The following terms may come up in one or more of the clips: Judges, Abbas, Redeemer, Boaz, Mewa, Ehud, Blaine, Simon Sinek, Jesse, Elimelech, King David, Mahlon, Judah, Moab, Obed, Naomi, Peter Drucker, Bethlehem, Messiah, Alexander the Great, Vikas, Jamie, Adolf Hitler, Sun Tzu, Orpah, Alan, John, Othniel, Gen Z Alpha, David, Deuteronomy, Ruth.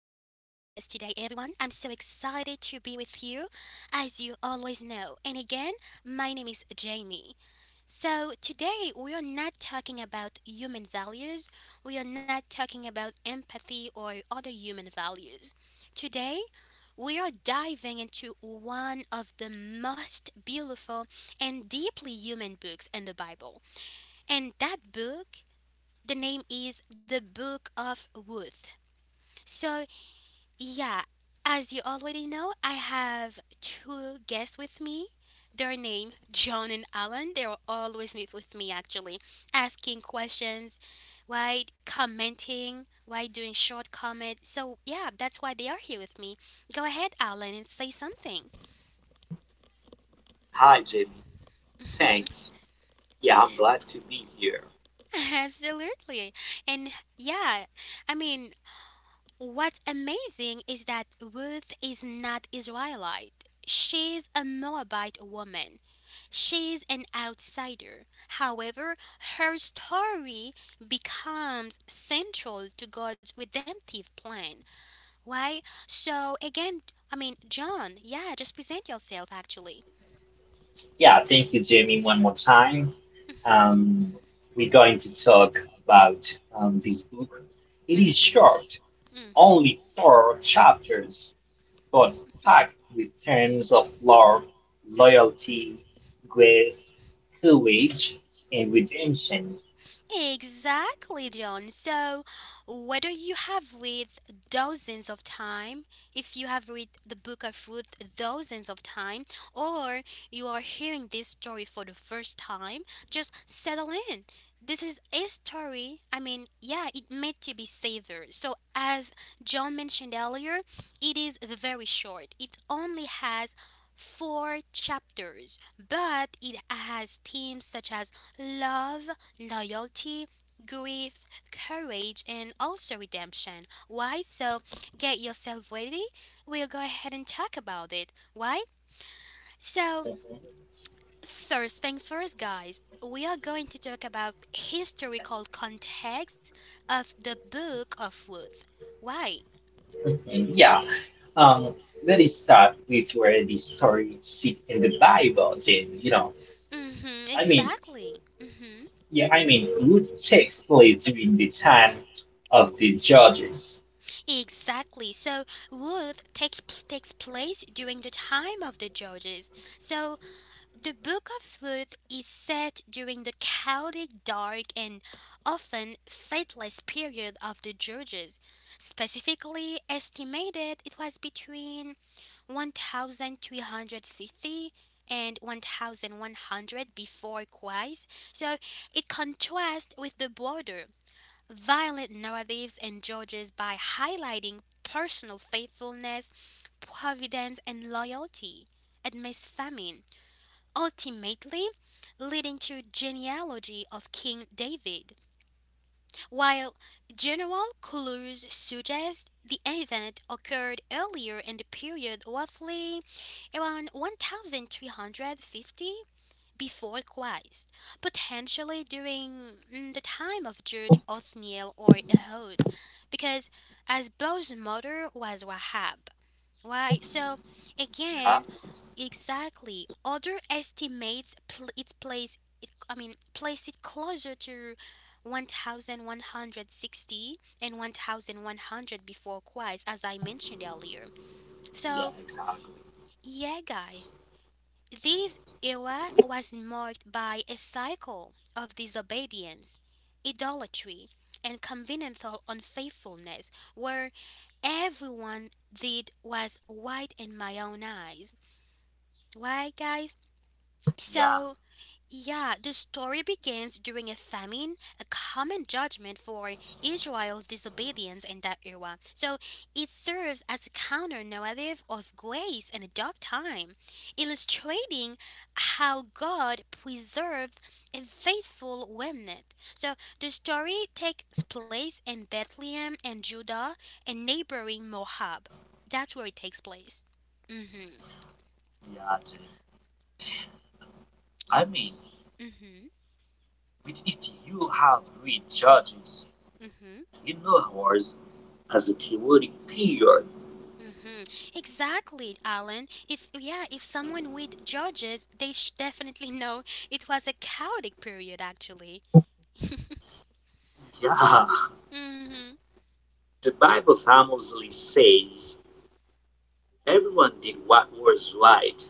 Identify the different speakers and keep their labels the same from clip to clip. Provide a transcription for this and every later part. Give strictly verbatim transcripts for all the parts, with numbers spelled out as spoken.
Speaker 1: everyone. I'm so excited to be with you, as you always know. And again, my name is Jamie. So, today we are not talking about human values, we are not talking about empathy or other human values. Today, we are diving into one of the most beautiful and deeply human books in the Bible. And that book the name is The Book of Ruth. So, yeah, as you already know, I have two guests with me. Their name, John and Alan. They're always with with me, actually, asking questions, right? Commenting, right? Doing short comment. So, yeah, that's why they are here with me. Go ahead, Alan, and say something.
Speaker 2: Hi, Jamie. Thanks. Yeah, I'm glad to be here.
Speaker 1: Absolutely. And yeah, I mean, What's amazing is that Ruth is not Israelite. She's a Moabite woman. She's an outsider. However, her story becomes central to God's redemptive plan. Why? So again, I mean, John, yeah, just present yourself actually.
Speaker 3: Yeah, thank you, Jamie, one more time. Um, we're going to talk about um, this book. It is short,
Speaker 1: Mhm.
Speaker 3: only four chapters, but packed with terms of love, loyalty, grace, courage, and redemption.
Speaker 1: Exactly, John. So, whether you have read dozens of time, if you have read the Book of Ruth dozens of time, or you are hearing this story for the first time, just settle in. This is a story. I mean, yeah, it meant to be savored. So, as John mentioned earlier, it is very short. It only has four chapters, but it has themes such as love, loyalty, grief, courage, and also redemption. Why? So get yourself ready. We'll go ahead and talk about it. Why? So, first thing first, guys, we are going to talk about historical context of the Book of Ruth. Why?
Speaker 3: Mhm. Yeah. Um, Let us start with where the story sit in the Bible, then, you know.
Speaker 1: Mm-hmm,
Speaker 3: I mean,
Speaker 1: exactly. Mm-hmm.
Speaker 3: yeah, I mean, Ruth takes place during the time of the judges.
Speaker 1: Exactly. So Ruth take, takes place during the time of the Judges. So the Book of Ruth is set during the chaotic, dark, and often faithless period of the Judges. Specifically estimated, it was between one thousand three hundred fifty and one thousand one hundred before Christ. So it contrasts with the border violent narratives and judges by highlighting personal faithfulness, providence, and loyalty amidst famine, ultimately leading to genealogy of King David. While general clues suggest the event occurred earlier in the period roughly around one thousand three hundred fifty before Christ, potentially during mm, the time of Judge Othniel or Ehud, because as Bo's mother was Rahab, right? So
Speaker 2: Yeah,
Speaker 1: again, exactly, other estimates pl- its place. It, I mean, place it closer to one thousand one hundred sixty and one thousand one hundred before Christ, as I mentioned earlier.
Speaker 2: yeah,
Speaker 1: So
Speaker 2: exactly.
Speaker 1: yeah, guys, this era was marked by a cycle of disobedience, idolatry, and covenantal unfaithfulness, where everyone did was right in my own eyes. Why, guys?
Speaker 2: Yeah,
Speaker 1: So, yeah, the story begins during a famine, a common judgment for Israel's disobedience in that era. So it serves as a counter narrative of grace in a dark time, illustrating how God preserved a faithful remnant. So the story takes place in Bethlehem and Judah and neighboring Moab. That's where it takes place. Mm-hmm.
Speaker 2: yeah, Jim. I mean,
Speaker 1: Mm-hmm.
Speaker 2: with- if you have read Judges,
Speaker 1: Mm-hmm.
Speaker 2: you know horse as a chaotic period.
Speaker 1: hmm Exactly, Alan. If yeah, if someone with judges, they sh- definitely know it was a chaotic period, actually.
Speaker 2: Yeah,
Speaker 1: hmm
Speaker 2: the Bible famously says everyone did what was right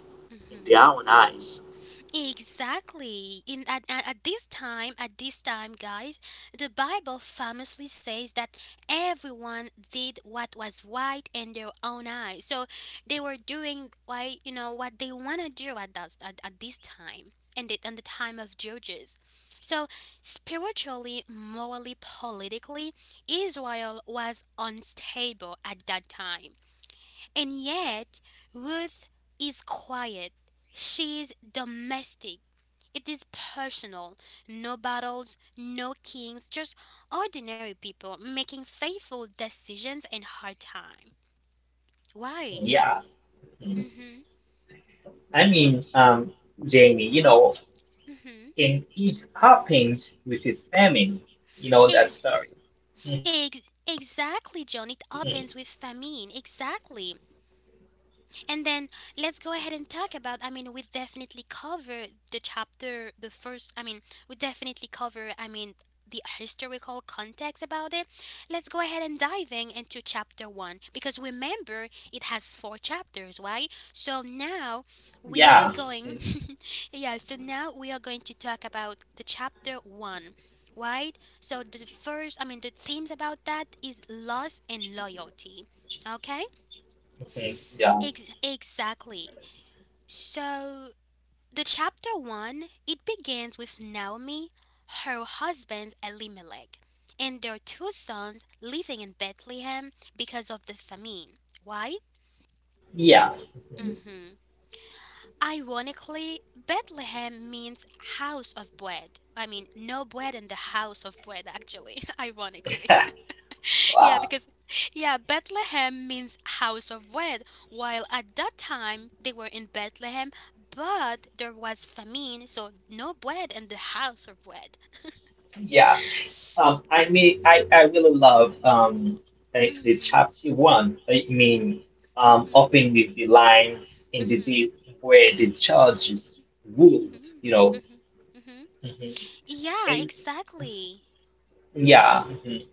Speaker 2: in their
Speaker 1: hmm
Speaker 2: own eyes.
Speaker 1: Exactly. In at, at at this time, At this time, guys, the Bible famously says that everyone did what was right in their own eyes. So they were doing why you know what they want to do at that at, at this time and the, and the time of Judges. So spiritually, morally, politically, Israel was unstable at that time. And yet, Ruth is quiet. She's domestic. It is personal. No battles, no kings, just ordinary people making faithful decisions in hard time. Why?
Speaker 3: Yeah.
Speaker 1: Mm. Mhm.
Speaker 3: I mean, um, Jamie, you know,
Speaker 1: Mm. Mhm.
Speaker 3: and it happens with a famine, you know, that
Speaker 1: Ex-
Speaker 3: story. Mhm.
Speaker 1: ex- exactly, John. It opens with famine. Exactly. And then let's go ahead and talk about. I mean, we definitely cover the chapter, the first. I mean, we definitely cover. I mean, the historical context about it. Let's go ahead and diving into chapter one because remember it has four chapters, right? So now we are
Speaker 3: Yeah.
Speaker 1: going. yeah. So now we are going to talk about the chapter one. Right? So the first, I mean, the themes about that is loss and loyalty. Okay?
Speaker 3: Mhm. Yeah.
Speaker 1: Ex- exactly. So, the chapter one, it begins with Naomi, her husband Elimelech, and their two sons living in Bethlehem because of the famine. Why?
Speaker 3: Yeah.
Speaker 1: hmm Ironically, Bethlehem means house of bread. I mean, no bread in the house of bread, actually, ironically. Yeah,
Speaker 3: Wow.
Speaker 1: because yeah, Bethlehem means house of bread, while at that time they were in Bethlehem, but there was famine, so no bread in the house of bread.
Speaker 3: Yeah. Um, I mean, I, I really love um, actually
Speaker 1: Mhm.
Speaker 3: chapter one. I mean,
Speaker 1: Mhm.
Speaker 3: um, opening with the line in
Speaker 1: Mhm.
Speaker 3: the
Speaker 1: Mhm.
Speaker 3: deep where the church is ruled,
Speaker 1: Mhm.
Speaker 3: you know.
Speaker 1: Mhm.
Speaker 3: Hmm.
Speaker 1: Yeah,
Speaker 3: And
Speaker 1: exactly.
Speaker 3: yeah, hmm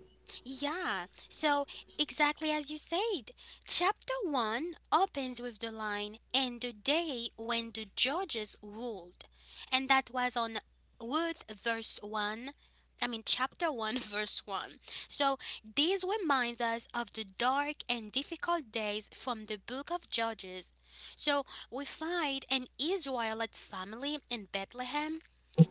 Speaker 1: Yeah, so exactly as you said, chapter one opens with the line, and the day when the judges ruled. And that was on Ruth verse one, I mean, chapter one, verse one. So this reminds us of the dark and difficult days from the book of Judges. So we find an Israelite family in Bethlehem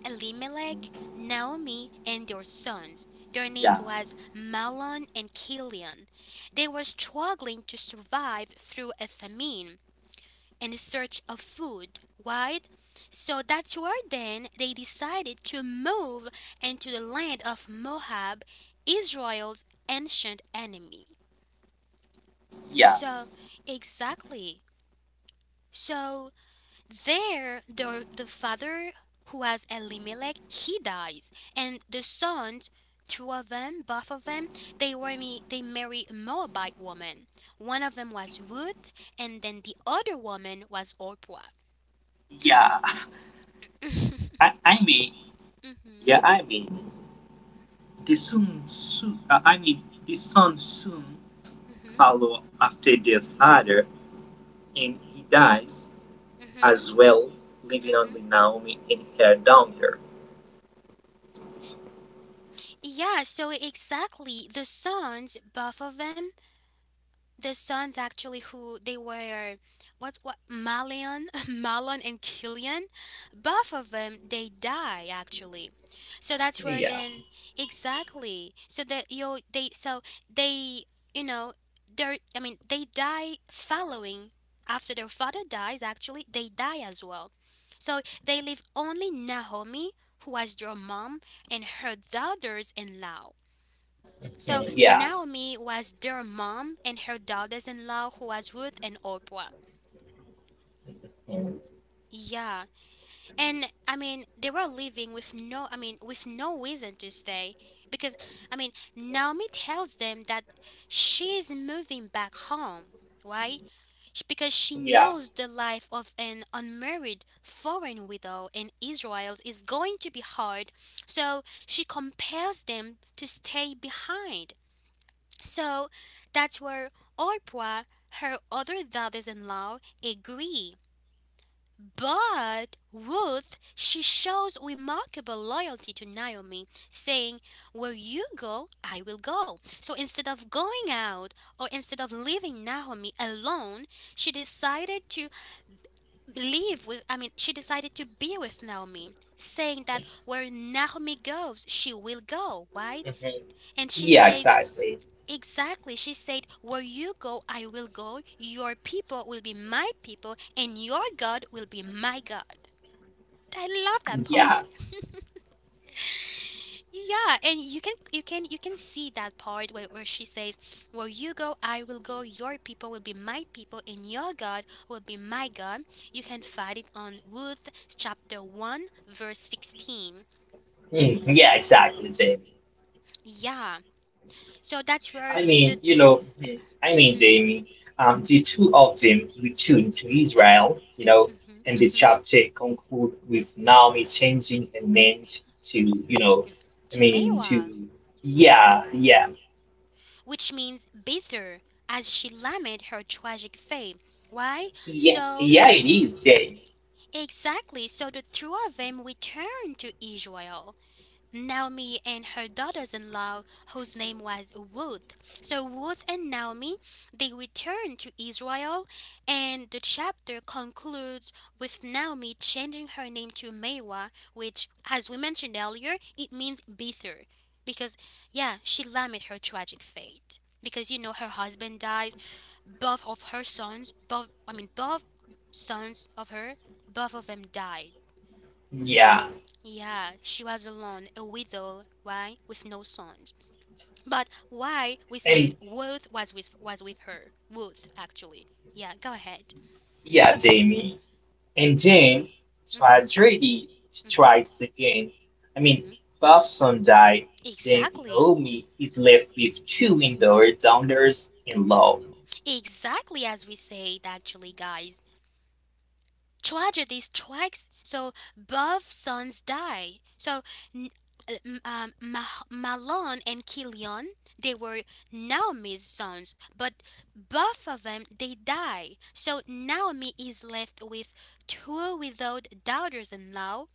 Speaker 1: Elimelech, Naomi, and their sons. Their
Speaker 2: Yeah,
Speaker 1: names was Mahlon and Kilion. They were struggling to survive through a famine and in search of food, right? So that's where then they decided to move into the land of Moab, Israel's ancient enemy.
Speaker 2: yeah,
Speaker 1: So, exactly. So, There, the, the father, who was Elimelech, he dies, and the sons, two of them, both of them, they were me, they marry a Moabite woman. One of them was Ruth, and then the other woman was Orpah.
Speaker 2: yeah. I, I mean, yeah,
Speaker 1: Mm-hmm.
Speaker 2: I mean, the Sun Tzu, uh, I mean, the Sun Tzu
Speaker 1: Mm-hmm.
Speaker 2: follow after their father, and he dies
Speaker 1: Mm-hmm.
Speaker 2: as well, leaving
Speaker 1: Mm-hmm.
Speaker 2: only Naomi and her daughter.
Speaker 1: Yeah, so exactly. The sons, both of them, the sons actually who they were what's what Malian Malon and Killian both of them they die actually so that's where
Speaker 3: yeah,
Speaker 1: then exactly so that you they so they you know they I mean they die following after their father dies actually they die as well so they leave only Naomi who was their mom and her daughters in law so
Speaker 3: mm, yeah,
Speaker 1: Naomi was their mom and her daughters-in-law who was Ruth and Orpah.
Speaker 3: mm,
Speaker 1: Yeah. And I mean, they were leaving with no I mean, with no reason to stay because I mean, Naomi tells them that she's moving back home, right? Sh- Because she knows
Speaker 3: yeah,
Speaker 1: the life of an unmarried foreign widow in Israel is going to be hard, so she compels them to stay behind. So that's where Orpah, her other daughters in law, agree. But Ruth, she shows remarkable loyalty to Naomi, saying, Where you go, I will go. So instead of going out or instead of leaving Naomi alone, she decided to live with, I mean, she decided to be with Naomi, saying that where Naomi goes, she will go, right?
Speaker 3: hmm
Speaker 1: And she
Speaker 3: yeah,
Speaker 1: says,
Speaker 3: exactly.
Speaker 1: Exactly. She said, Where you go, I will go. Your people will be my people, and your God will be my God. I love that
Speaker 3: Yeah,
Speaker 1: part. Yeah, and you can you can you can see that part where, where she says, Where you go, I will go, your people will be my people, and your God will be my God. You can find it on Ruth chapter one verse sixteen.
Speaker 3: mm, yeah, exactly, Jamie.
Speaker 1: Yeah. So that's where
Speaker 3: I
Speaker 1: the
Speaker 3: mean, you know, mhm, I mean,
Speaker 1: th-
Speaker 3: Jamie, um, the two of them returned to Israel, you know,
Speaker 1: Mhm.
Speaker 3: and the
Speaker 1: Mhm.
Speaker 3: chapter conclude with Naomi changing her name to, you know, I
Speaker 1: To
Speaker 3: mean, to,
Speaker 1: Mewa,
Speaker 3: yeah, yeah,
Speaker 1: which means bitter, as she lament her tragic fate. Why?
Speaker 3: yeah,
Speaker 1: So
Speaker 3: yeah, it is Jamie,
Speaker 1: exactly. So the two of them returned to Israel. Naomi and her daughters-in-law, whose name was Ruth. So Ruth and Naomi, they returned to Israel, and the chapter concludes with Naomi changing her name to Mewa, which, as we mentioned earlier, it means bitter, because yeah, she lamented her tragic fate because you know her husband dies, both of her sons, both I mean both sons of her, both of them died.
Speaker 3: yeah,
Speaker 1: So, yeah, she was alone, a widow, why? With no sons. But why we said
Speaker 3: and
Speaker 1: Ruth was with was with her. Ruth actually. Yeah, go ahead.
Speaker 3: yeah, Jamie, and then
Speaker 1: Mhm.
Speaker 3: tragedy strikes again. I mean, Bob's died, then
Speaker 1: Exactly.
Speaker 3: Naomi is left with two indoor downers in law.
Speaker 1: Exactly as we said actually, guys. Tragedies strikes so both sons die so n- um, um, Mah- Malon and Kilion they were Naomi's sons but both of them they die so Naomi is left with two without daughters-in-law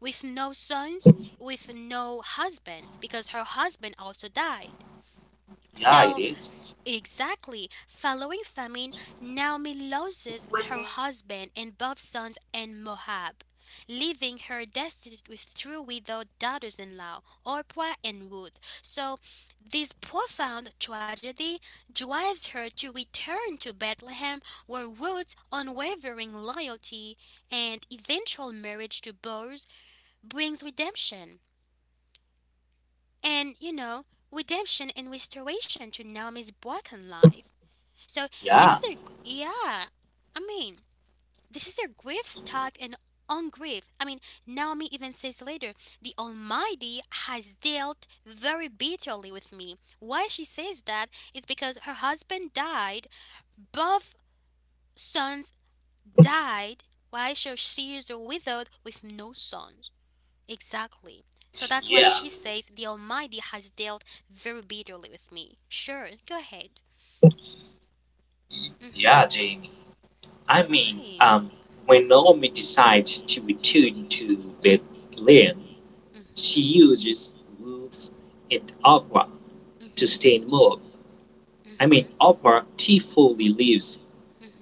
Speaker 1: with no sons with no husband because her husband also died
Speaker 2: Yeah, it
Speaker 1: so
Speaker 2: is.
Speaker 1: Exactly. Following famine, Naomi loses her husband and both sons in Moab, leaving her destitute with two widowed daughters-in-law, Orpah and Ruth. So, this profound tragedy drives her to return to Bethlehem, where Ruth's unwavering loyalty and eventual marriage to Boaz brings redemption. And, you know, redemption and restoration to Naomi's broken life. So this
Speaker 2: Yeah,
Speaker 1: is a yeah. I mean, this is a grief stuck and on grief. I mean, Naomi even says later, the Almighty has dealt very bitterly with me. Why she says that is because her husband died, both sons died. Why so she is widowed with no sons? Exactly. So that's why
Speaker 2: yeah,
Speaker 1: she says the Almighty has dealt very bitterly with me. Sure, go ahead. Mhm.
Speaker 2: yeah, Jamie. I mean,
Speaker 1: Why?
Speaker 2: um, when Naomi decides to return to Bethlehem, she
Speaker 1: Mhm.
Speaker 2: uses Ruth and Orpah to
Speaker 1: Mhm.
Speaker 2: stay in Moab. I mean,
Speaker 1: Mhm.
Speaker 2: Orpah tearfully leaves,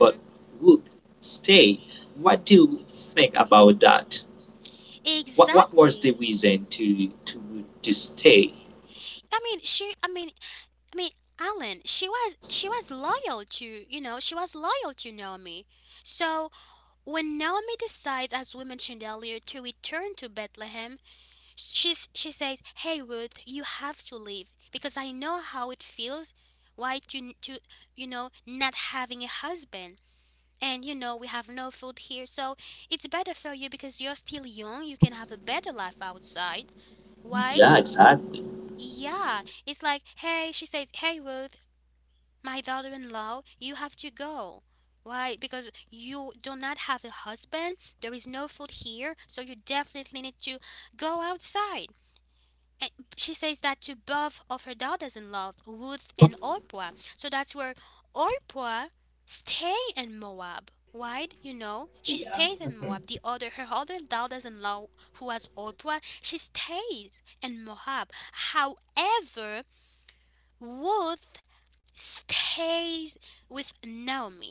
Speaker 2: but Ruth stay. What do you think about that? what what was the
Speaker 1: Exactly.
Speaker 2: reason to to to stay?
Speaker 1: I mean, she. I mean, I mean, Alan. She was. She was loyal to. You know. She was loyal to Naomi. So when Naomi decides, as we mentioned earlier, to return to Bethlehem, she's. She says, "Hey Ruth, you have to leave because I know how it feels. Why to to you know not having a husband." And you know we have no food here, so it's better for you because you're still young, you can have a better life outside. Why?
Speaker 2: Yeah, exactly,
Speaker 1: Yeah, it's like, hey, she says, "Hey Ruth, my daughter-in-law, you have to go. Why? Because you do not have a husband, there is no food here, so you definitely need to go outside." And she says that to both of her daughters-in-law, Ruth and Orpah. So that's where Orpah stay in Moab. Right, you know, she
Speaker 3: Yeah.
Speaker 1: stayed in
Speaker 3: Hmm.
Speaker 1: Moab. The other, her other daughters-in-law, who was Orpah, she stays in Moab. However, Ruth stays with Naomi.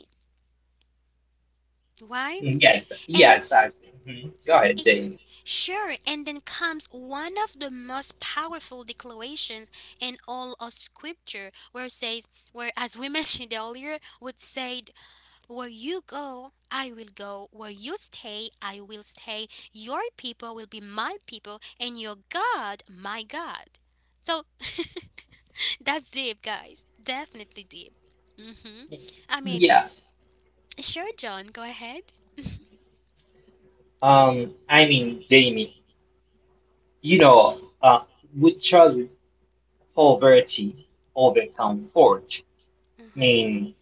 Speaker 1: Why?
Speaker 3: Yes. Yeah.
Speaker 1: And
Speaker 3: Exactly. Hmm. Go ahead,
Speaker 1: It-
Speaker 3: Jamie.
Speaker 1: sure, and then comes one of the most powerful declarations in all of scripture, where it says, where, as we mentioned earlier, would say, "Where you go I will go, where you stay I will stay, your people will be my people, and your God my God." So that's deep, guys. Definitely deep. Mhm. I mean,
Speaker 3: Yeah.
Speaker 1: sure John, go ahead.
Speaker 3: Um. I mean, Jamie. You know. Uh. We chose poverty over comfort. I
Speaker 1: Mm-hmm.
Speaker 3: mean,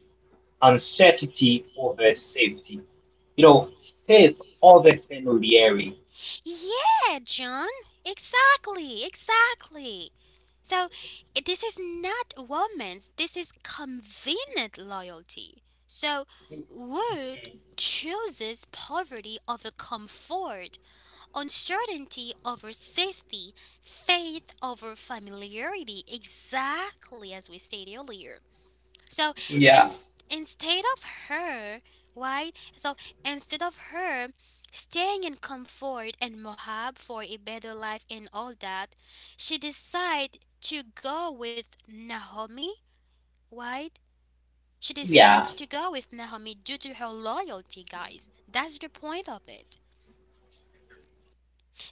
Speaker 3: uncertainty over safety. You know, safe over familiarity.
Speaker 1: Yeah, John. Exactly, exactly. So i- this is not romance, this is convenient loyalty. So Wood
Speaker 3: Mhm.
Speaker 1: chooses poverty over comfort, uncertainty over safety, faith over familiarity, exactly as we said earlier. So
Speaker 3: Yeah.
Speaker 1: and instead of her, right? So instead of her staying in comfort and mohab for a better life and all that, she decide to go with Naomi, right? She
Speaker 3: Yeah.
Speaker 1: decides to go with Naomi due to her loyalty, guys. That's the point of it.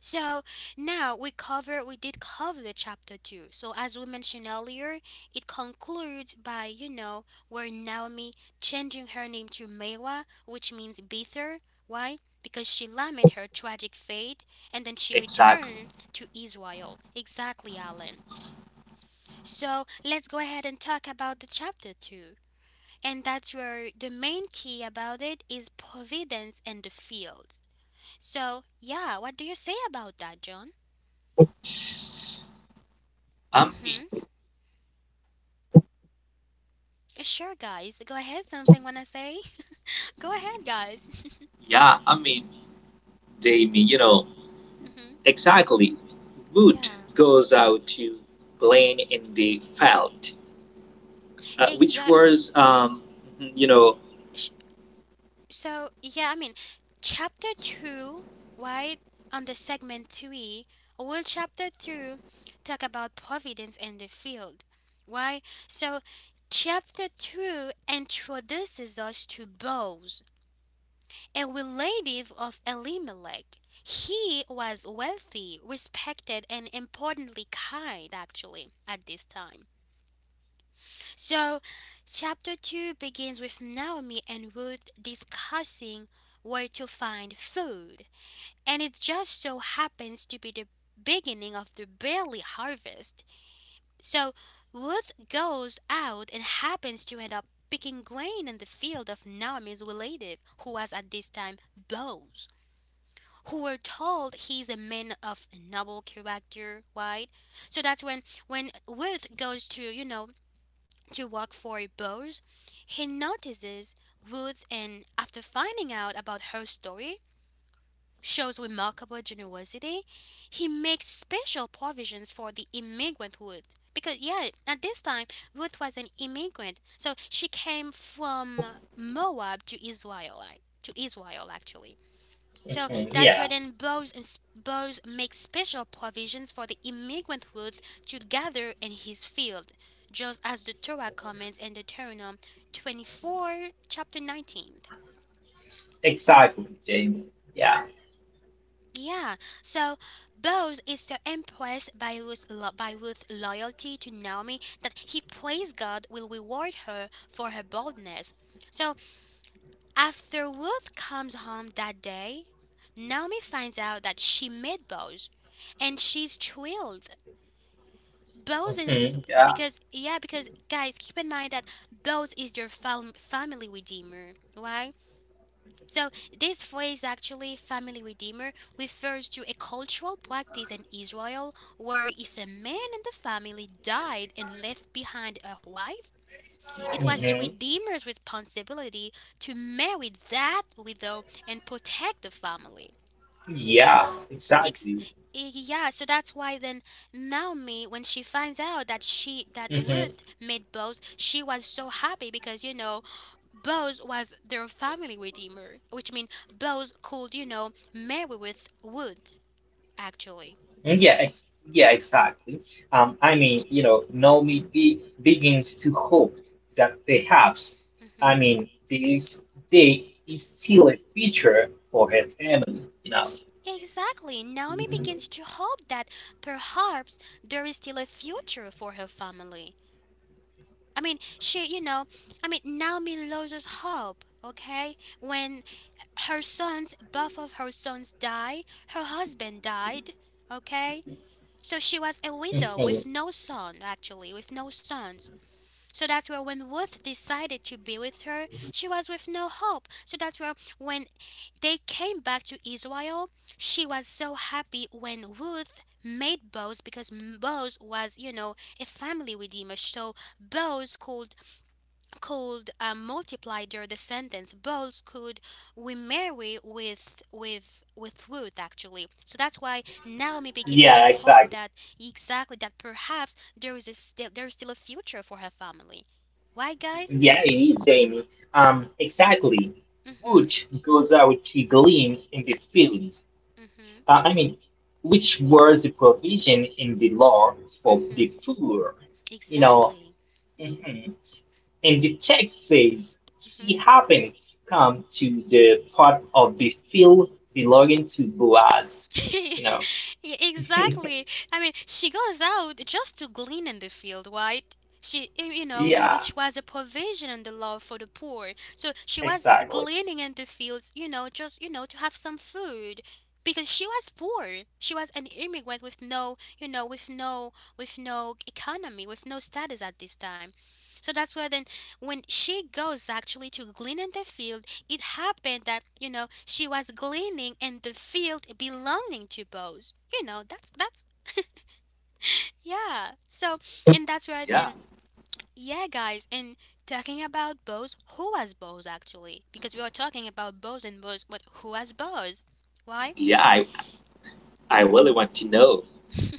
Speaker 1: So now we cover we did cover the chapter two. So as we mentioned earlier, it concludes by you know where Naomi changing her name to Mewa, which means bitter. Why? Because she lamented her tragic fate, and then she
Speaker 2: exactly.
Speaker 1: returned to Israel. Exactly, Alan. So let's go ahead and talk about the chapter two, and that's where the main key about it is providence and the fields. So yeah, what do you say about that, John?
Speaker 2: I mean,
Speaker 1: Mm-hmm. Sure, guys. Go ahead. Something wanna say? Go ahead, guys.
Speaker 2: yeah, I mean, they mean you know
Speaker 1: Hmm.
Speaker 2: exactly. Wood
Speaker 1: Yeah.
Speaker 2: goes out to Blaine in the field, uh, which
Speaker 1: Exact.
Speaker 2: was um, you know,
Speaker 1: Sh- so yeah, i mean chapter two, right, on the segment three, will chapter two talk about providence in the field. Why? So chapter two introduces us to bows, a relative of Elimelech. He was wealthy, respected, and importantly kind, actually, at this time. So chapter two begins with Naomi and Ruth discussing where to find food. And it just so happens to be the beginning of the barley harvest. So Ruth goes out and happens to end up picking grain in the field of Naomi's relative, who was at this time Boaz, who were told he's a man of noble character, right? So that's when when Ruth goes to you know to work for Boaz, he notices Ruth, and after finding out about her story, shows remarkable generosity. He makes special provisions for the immigrant Ruth. Because, yeah, at this time, Ruth was an immigrant. So she came from Moab to Israel, like, to Israel, actually. So
Speaker 3: Mhm.
Speaker 1: that's where
Speaker 3: Yeah.
Speaker 1: then Bose, Bose makes special provisions for the immigrant youth to gather in his field, just as the Torah comments in Deuteronomy twenty-four, chapter nineteen.
Speaker 3: Exactly, Jamie. Yeah.
Speaker 1: Yeah, so Boaz is so impressed by Ruth's, lo- by Ruth's loyalty to Naomi that he prays God will reward her for her boldness. So after Ruth comes home that day, Naomi finds out that she met Boaz, and she's thrilled. Boaz, is
Speaker 3: Hmm. Yeah.
Speaker 1: because yeah, because guys, keep in mind that Boaz is your fam- family redeemer, right? So this phrase, actually, family redeemer, refers to a cultural practice in Israel where if a man in the family died and left behind a wife, it was the
Speaker 3: Hmm.
Speaker 1: Redeemer's responsibility to marry that widow and protect the family.
Speaker 3: Yeah.
Speaker 1: Ex-
Speaker 3: Exactly.
Speaker 1: eh, yeah, so that's why then Naomi, when she
Speaker 3: Mhm.
Speaker 1: finds out that she that Ruth made Boaz, she was so happy because you know Boaz was their family redeemer, which means Boaz could you know marry with Ruth, actually.
Speaker 3: Yeah, ex yeah, exactly. Um, I mean, you know, Naomi be begins to hope that perhaps, I
Speaker 1: Hmm.
Speaker 3: mean, this day is still a future for her family, you know.
Speaker 1: Exactly. Naomi begins to hope that perhaps there is still a future for her family. I mean, she, you know, I mean, Naomi loses hope, okay? When her sons, both of her sons die, her husband died, okay? So she was a widow
Speaker 3: Mhm.
Speaker 1: with no son, actually, with no sons. So that's where when Ruth decided to be with her, she was with no hope. So that's where when they came back to Israel, she was so happy when Ruth made Boaz because Boaz was, you know, a family redeemer. So Boaz could, could uh, multiply their descendants. Both could remarry with with with Ruth, actually. So that's why Naomi begins to
Speaker 3: Yeah,
Speaker 1: hope
Speaker 3: exactly.
Speaker 1: that exactly that perhaps there is a, still there is still a future for her family. Why, guys?
Speaker 3: Yeah, it is, Amy. Um, exactly.
Speaker 1: Mhm,
Speaker 3: Wood goes out to glean in the field.
Speaker 1: mhm,
Speaker 3: Uh, I mean, which was a provision in the law for
Speaker 1: mhm.
Speaker 3: the poor, you know.
Speaker 1: Exactly.
Speaker 3: Mm-hmm. And the text says,
Speaker 1: Mm-hmm.
Speaker 3: "She happened to come to the part of the field belonging to Boaz." You know,
Speaker 1: Yeah, exactly. I mean, she goes out just to glean in the field, right? She, y- you know,
Speaker 3: yeah,
Speaker 1: which was a provision in the law for the poor. So she was
Speaker 3: exactly.
Speaker 1: gleaning in the fields, you know, just, you know, to have some food because she was poor. She was an immigrant with no, you know, with no, with no economy, with no status at this time. So that's where then when she goes actually to glean in the field, it happened that you know she was gleaning in the field belonging to Bose. You know that's that's yeah. So and that's where
Speaker 2: yeah,
Speaker 1: then yeah, guys. And talking about Bose, who was Bose, actually? Because we are talking about Bose and Bose, but who was Bose? Why?
Speaker 2: yeah. I I really want to know.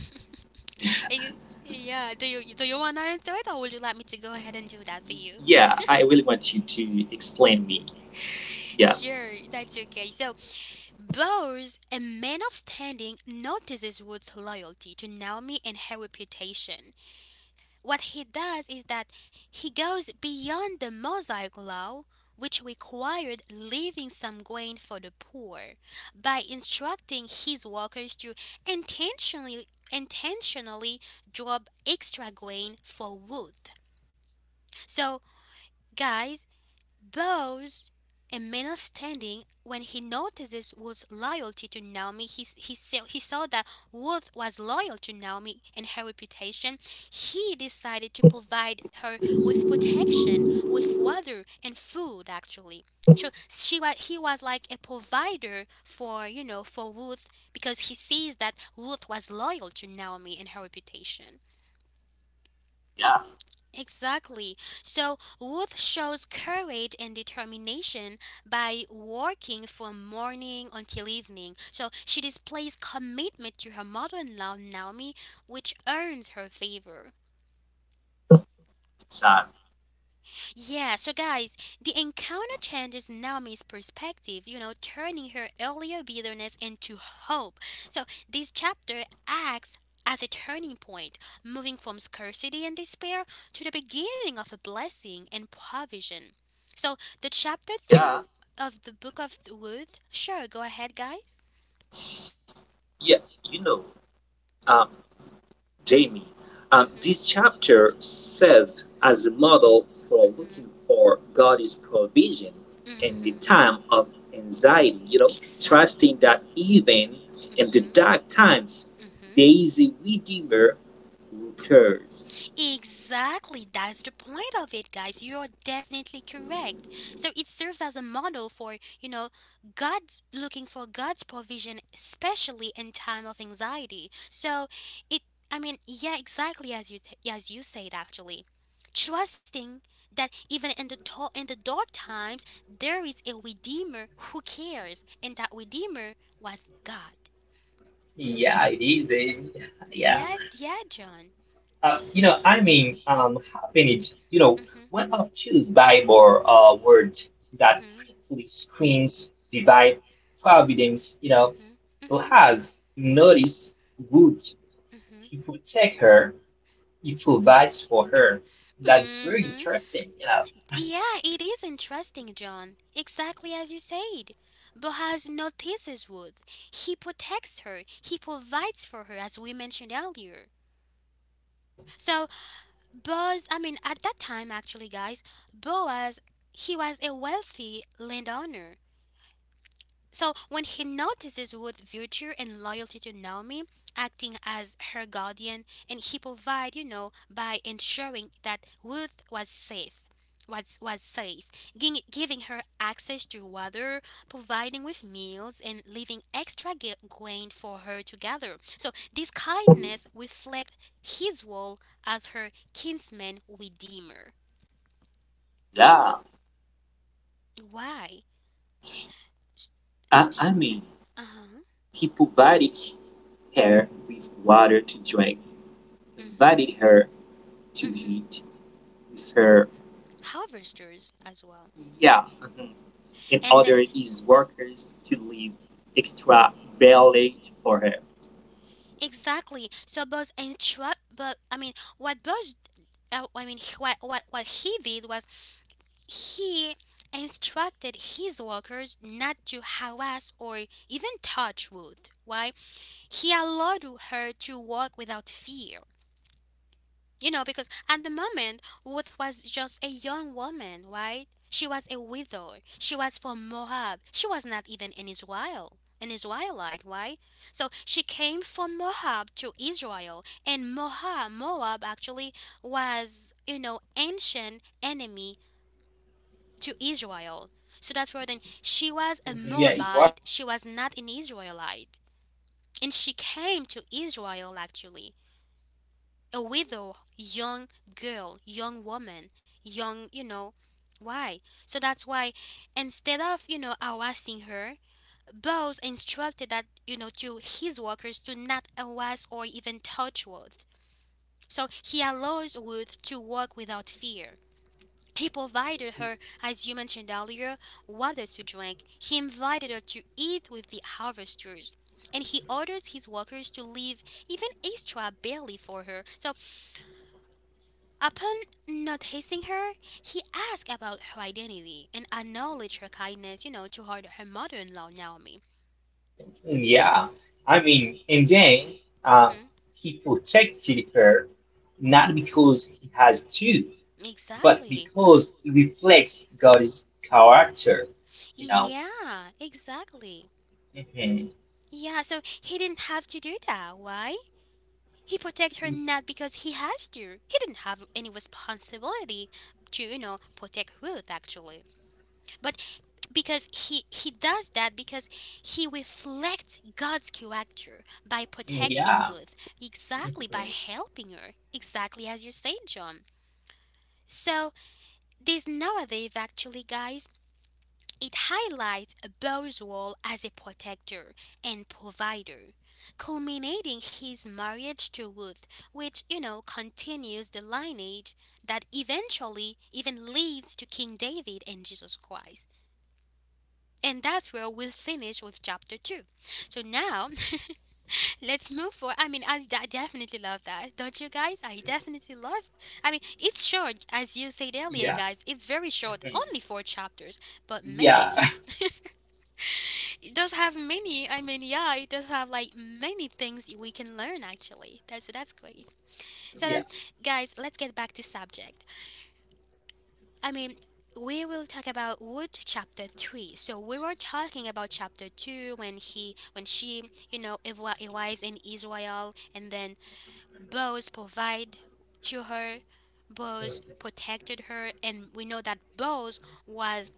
Speaker 1: You- yeah. Do you do you want to answer it, or would you like me to go ahead and do that for you?
Speaker 2: Yeah, I really want you to explain me. Yeah,
Speaker 1: Sure, that's okay. So Bowers, a man of standing, notices Wood's loyalty to Naomi and her reputation. What he does is that he goes beyond the Mosaic law, which required leaving some grain for the poor, by instructing his workers to intentionally intentionally drop extra grain for Wood. So, guys, Bows, a man of standing, when he notices Wood's loyalty to Naomi, he, he, saw, he saw that Wood was loyal to Naomi and her reputation. He decided to provide her with protection, with water and food, actually. So she was, he was like a provider for, you know, for Ruth because he sees that Ruth was loyal to Naomi and her reputation.
Speaker 2: yeah,
Speaker 1: Exactly. So Ruth shows courage and determination by working from morning until evening. So she displays commitment to her mother in law, Naomi, which earns her favor.
Speaker 2: exactly.
Speaker 1: Yeah, so guys, the encounter changes Naomi's perspective, you know, turning her earlier bitterness into hope. So this chapter acts as a turning point, moving from scarcity and despair to the beginning of a blessing and provision. So the chapter through
Speaker 2: Yeah,
Speaker 1: of the book of Ruth, sure, go ahead, guys.
Speaker 2: yeah. You know, um, Jamie. Um,
Speaker 1: Mm hmm,
Speaker 2: this chapter serves as a model for
Speaker 1: mm
Speaker 2: looking for God's provision
Speaker 1: hmm, mm
Speaker 2: in the
Speaker 1: hmm,
Speaker 2: time of anxiety, you know,
Speaker 1: exactly.
Speaker 2: trusting that even in the
Speaker 1: Mm
Speaker 2: dark times,
Speaker 1: hmm,
Speaker 2: there is a Redeemer who cares.
Speaker 1: exactly, that's the point of it, guys. You are definitely correct. So it serves as a model for, you know, God's, looking for God's provision, especially in time of anxiety. So it, I mean, yeah, exactly as you as you said, actually, trusting that even in the to- in the dark times there is a redeemer who cares, and that redeemer was God.
Speaker 3: Yeah, it is. Eh? Yeah.
Speaker 1: Yeah, yeah, John.
Speaker 3: Uh, you know, I mean, um, happened, you know,
Speaker 1: Mhm.
Speaker 3: one of two Bible uh, words that
Speaker 1: Mhm.
Speaker 3: quickly screams divine providence, you know,
Speaker 1: Mhm. Mhm.
Speaker 3: Boaz noticed good.
Speaker 1: Mhm.
Speaker 3: He protect her, he provides for her. That's very
Speaker 1: Mhm.
Speaker 3: interesting. Yeah,
Speaker 1: Yeah, it is interesting, John. Exactly as you said. Boaz notices Ruth. He protects her. He provides for her, as we mentioned earlier. So Boaz, I mean, at that time, actually, guys, Boaz, he was a wealthy landowner. So when he notices Ruth's virtue and loyalty to Naomi, acting as her guardian, and he provide, you know, by ensuring that Ruth was safe, was was safe, giving giving her access to water, providing with meals, and leaving extra ga- grain for her to gather. So this kindness reflects his role as her kinsman redeemer.
Speaker 2: Yeah,
Speaker 1: Why?
Speaker 2: I, I mean,
Speaker 1: Uh huh.
Speaker 2: he provided her with water to drink,
Speaker 1: Mm-hmm.
Speaker 2: invited her to
Speaker 1: Mm-hmm.
Speaker 2: eat with her.
Speaker 1: Harvesters as well.
Speaker 2: Yeah, mhm. In
Speaker 1: And then
Speaker 2: order his workers to leave extra ballot for her.
Speaker 1: exactly. So Buzz instruct, but I mean, what Buzz, uh, I mean, he- what what what he did was he instructed his workers not to harass or even touch Ruth. Why? He allowed her to walk without fear. You know, because at the moment, Ruth was just a young woman, right? She was a widow. She was from Moab. She was not even an Israel, an Israelite, right? So she came from Moab to Israel, and Moab, Moab actually was, you know, ancient enemy to Israel. So that's where then she was a
Speaker 3: yeah, it wa-
Speaker 1: Moabite. She was not an Israelite, and she came to Israel actually a widow, young girl, young woman, young, you know, why? So that's why instead of, you know, harassing her, Bose instructed that, you know, to his workers to not harass or even touch Ruth. So he allows Ruth to walk without fear. He provided her, as you mentioned earlier, water to drink. He invited her to eat with the harvesters. And he orders his workers to leave even extra barley for her. So, upon noticing her, he asked about her identity and acknowledged her kindness, you know, to her, her mother in law, Naomi.
Speaker 3: yeah. I mean, and then um,
Speaker 1: Hmm.
Speaker 3: he protected her not because he has to, but
Speaker 1: Exactly.
Speaker 3: because it reflects God's character. You know.
Speaker 1: Yeah, exactly.
Speaker 3: Mhm.
Speaker 1: Yeah, so he didn't have to do that. Why? He protect her
Speaker 3: Mm.
Speaker 1: not because he has to. He didn't have any responsibility to, you know, protect Ruth, actually. But because he he does that because he reflects God's character by protecting
Speaker 3: Yeah.
Speaker 1: Ruth, exactly by
Speaker 3: Mhm.
Speaker 1: helping her, exactly as you said, John. So this narrative actually, guys, it highlights Boaz's role as a protector and provider, culminating his marriage to Ruth, which you know continues the lineage that eventually even leads to King David and Jesus Christ. And that's where we'll finish with chapter two. So now, let's move forward. I mean, I, I definitely love that, don't you guys? I definitely love. I mean, it's short, as you said earlier,
Speaker 3: Yeah.
Speaker 1: guys. It's very short, only
Speaker 3: Mhm.
Speaker 1: four chapters. But
Speaker 3: Yeah.
Speaker 1: man, it does have many. I mean, yeah, it does have like many things we can learn. Actually, that's that's great. So then, guys, let's get back to subject. I mean, we will talk about Wood chapter three. So we were talking about chapter two when he when she, you know, ev- arrives in Israel, and then Boaz provide to her. Boaz protected her, and we know that Boaz was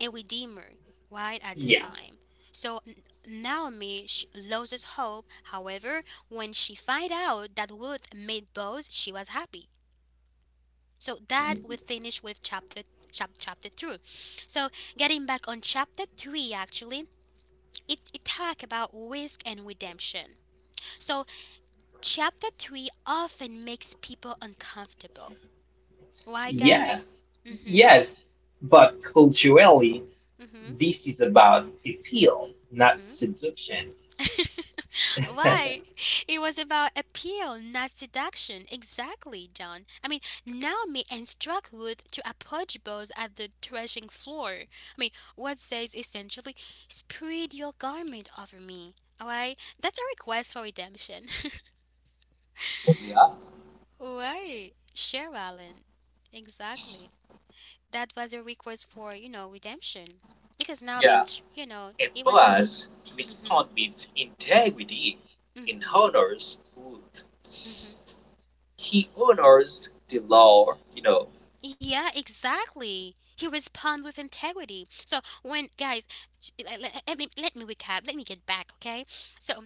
Speaker 1: a redeemer right at the
Speaker 3: Yeah.
Speaker 1: time. So N- Naomi, she loses hope. However, when she find out that Ruth made Boaz, she was happy. So that we
Speaker 3: Mhm.
Speaker 1: finish with chapter chap, chapter two. So getting back on chapter three, actually, it, it talk about risk and redemption. So chapter three often makes people uncomfortable. Why,
Speaker 3: Yeah.
Speaker 1: guys?
Speaker 3: Yes.
Speaker 1: Mm-hmm.
Speaker 3: Yes. But culturally,
Speaker 1: Mm-hmm.
Speaker 3: this is about appeal, not
Speaker 1: Mm-hmm.
Speaker 3: seduction.
Speaker 1: Why? It was about appeal, not seduction. Exactly, John. I mean, Naomi instruct Ruth to approach Boaz at the threshing floor. I mean, what says essentially, spread your garment over me. Alright? That's a request for redemption.
Speaker 2: Yeah.
Speaker 1: Why? Share Allen. Exactly. That was a request for, you know, redemption. Because Naomi,
Speaker 2: Yeah,
Speaker 1: you know,
Speaker 2: and
Speaker 1: it was.
Speaker 2: Boaz
Speaker 1: Mm
Speaker 2: responds with integrity
Speaker 1: hmm.
Speaker 2: and
Speaker 1: Mm
Speaker 2: honors Ruth.
Speaker 1: hmm.
Speaker 2: He honors the law, you know.
Speaker 1: Yeah, exactly. He respond with integrity. So when guys, j- le- le- let me let me recap. Let me get back, okay? So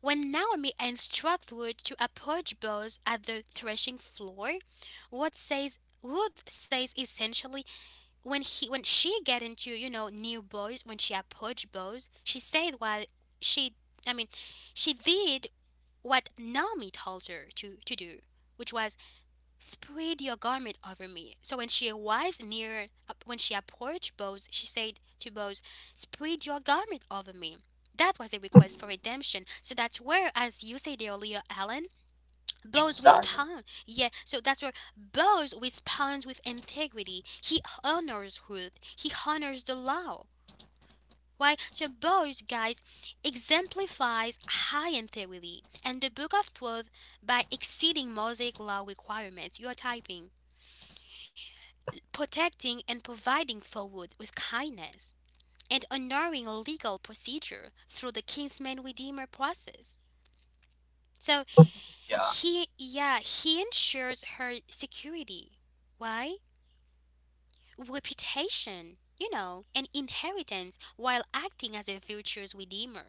Speaker 1: when Naomi instructs Ruth to approach Boaz at the threshing floor, what says Ruth says essentially when he when she get into you know near Boaz, when she approached Boaz, she said while she I mean she did what Naomi told her to to do, which was spread your garment over me. So when she arrives near, uh, when she approached Boaz, she said to Boaz, spread your garment over me. That was a request for redemption. So that's where, as you said earlier, Alan, Boaz
Speaker 2: Exactly.
Speaker 1: responds. Yeah, so that's where Boaz responds with integrity. He honors Ruth, he honors the law. Why? So Boaz, guys, exemplifies high integrity and the book of truth by exceeding Mosaic law requirements. You are typing protecting and providing Forward with kindness, and honoring legal procedure through the Kinsman Redeemer process. So
Speaker 2: Yeah.
Speaker 1: he, yeah, he ensures her security. Why? Reputation, you know, and inheritance while acting as a virtue's redeemer.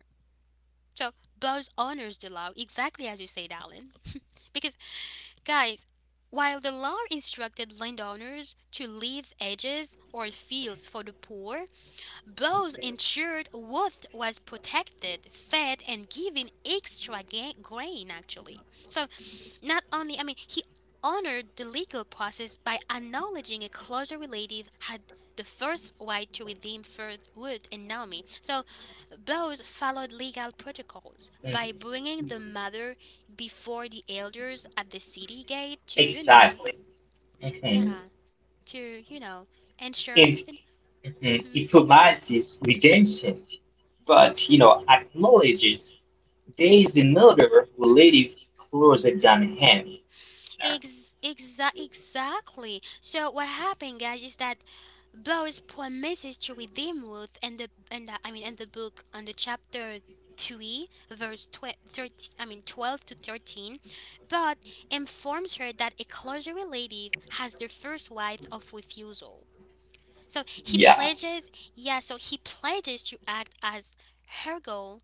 Speaker 1: So Buzz honors the law, exactly as you said, Alan. Because, guys, while the law instructed landowners to leave edges or fields for the poor, those ensured Wood was protected, fed, and given extra ga- grain, actually. So, not only, I mean, he honored the legal process by acknowledging a closer relative had the first right to redeem first Wood and Naomi. So, Bose followed legal protocols by
Speaker 3: Mhm.
Speaker 1: bringing the mother before the elders at the city gate to, you know,
Speaker 3: Exactly. Hmm.
Speaker 1: yeah, to, you know, ensure.
Speaker 3: And mhm,
Speaker 1: Mm-hmm,
Speaker 3: it promises redemption, but you know acknowledges there is another
Speaker 1: mm-hmm.
Speaker 3: relative
Speaker 1: Mm-hmm.
Speaker 3: closer than him.
Speaker 1: Ex- exa- exactly. So what happened, guys, is that Boaz promises to redeem Ruth, and the and the, I mean, in the book on the chapter three, verse tw- thirteen, I mean twelve to thirteen, but informs her that a closer relative has the first right of refusal. So he
Speaker 3: Yeah,
Speaker 1: pledges, yeah. So he pledges to act as her goal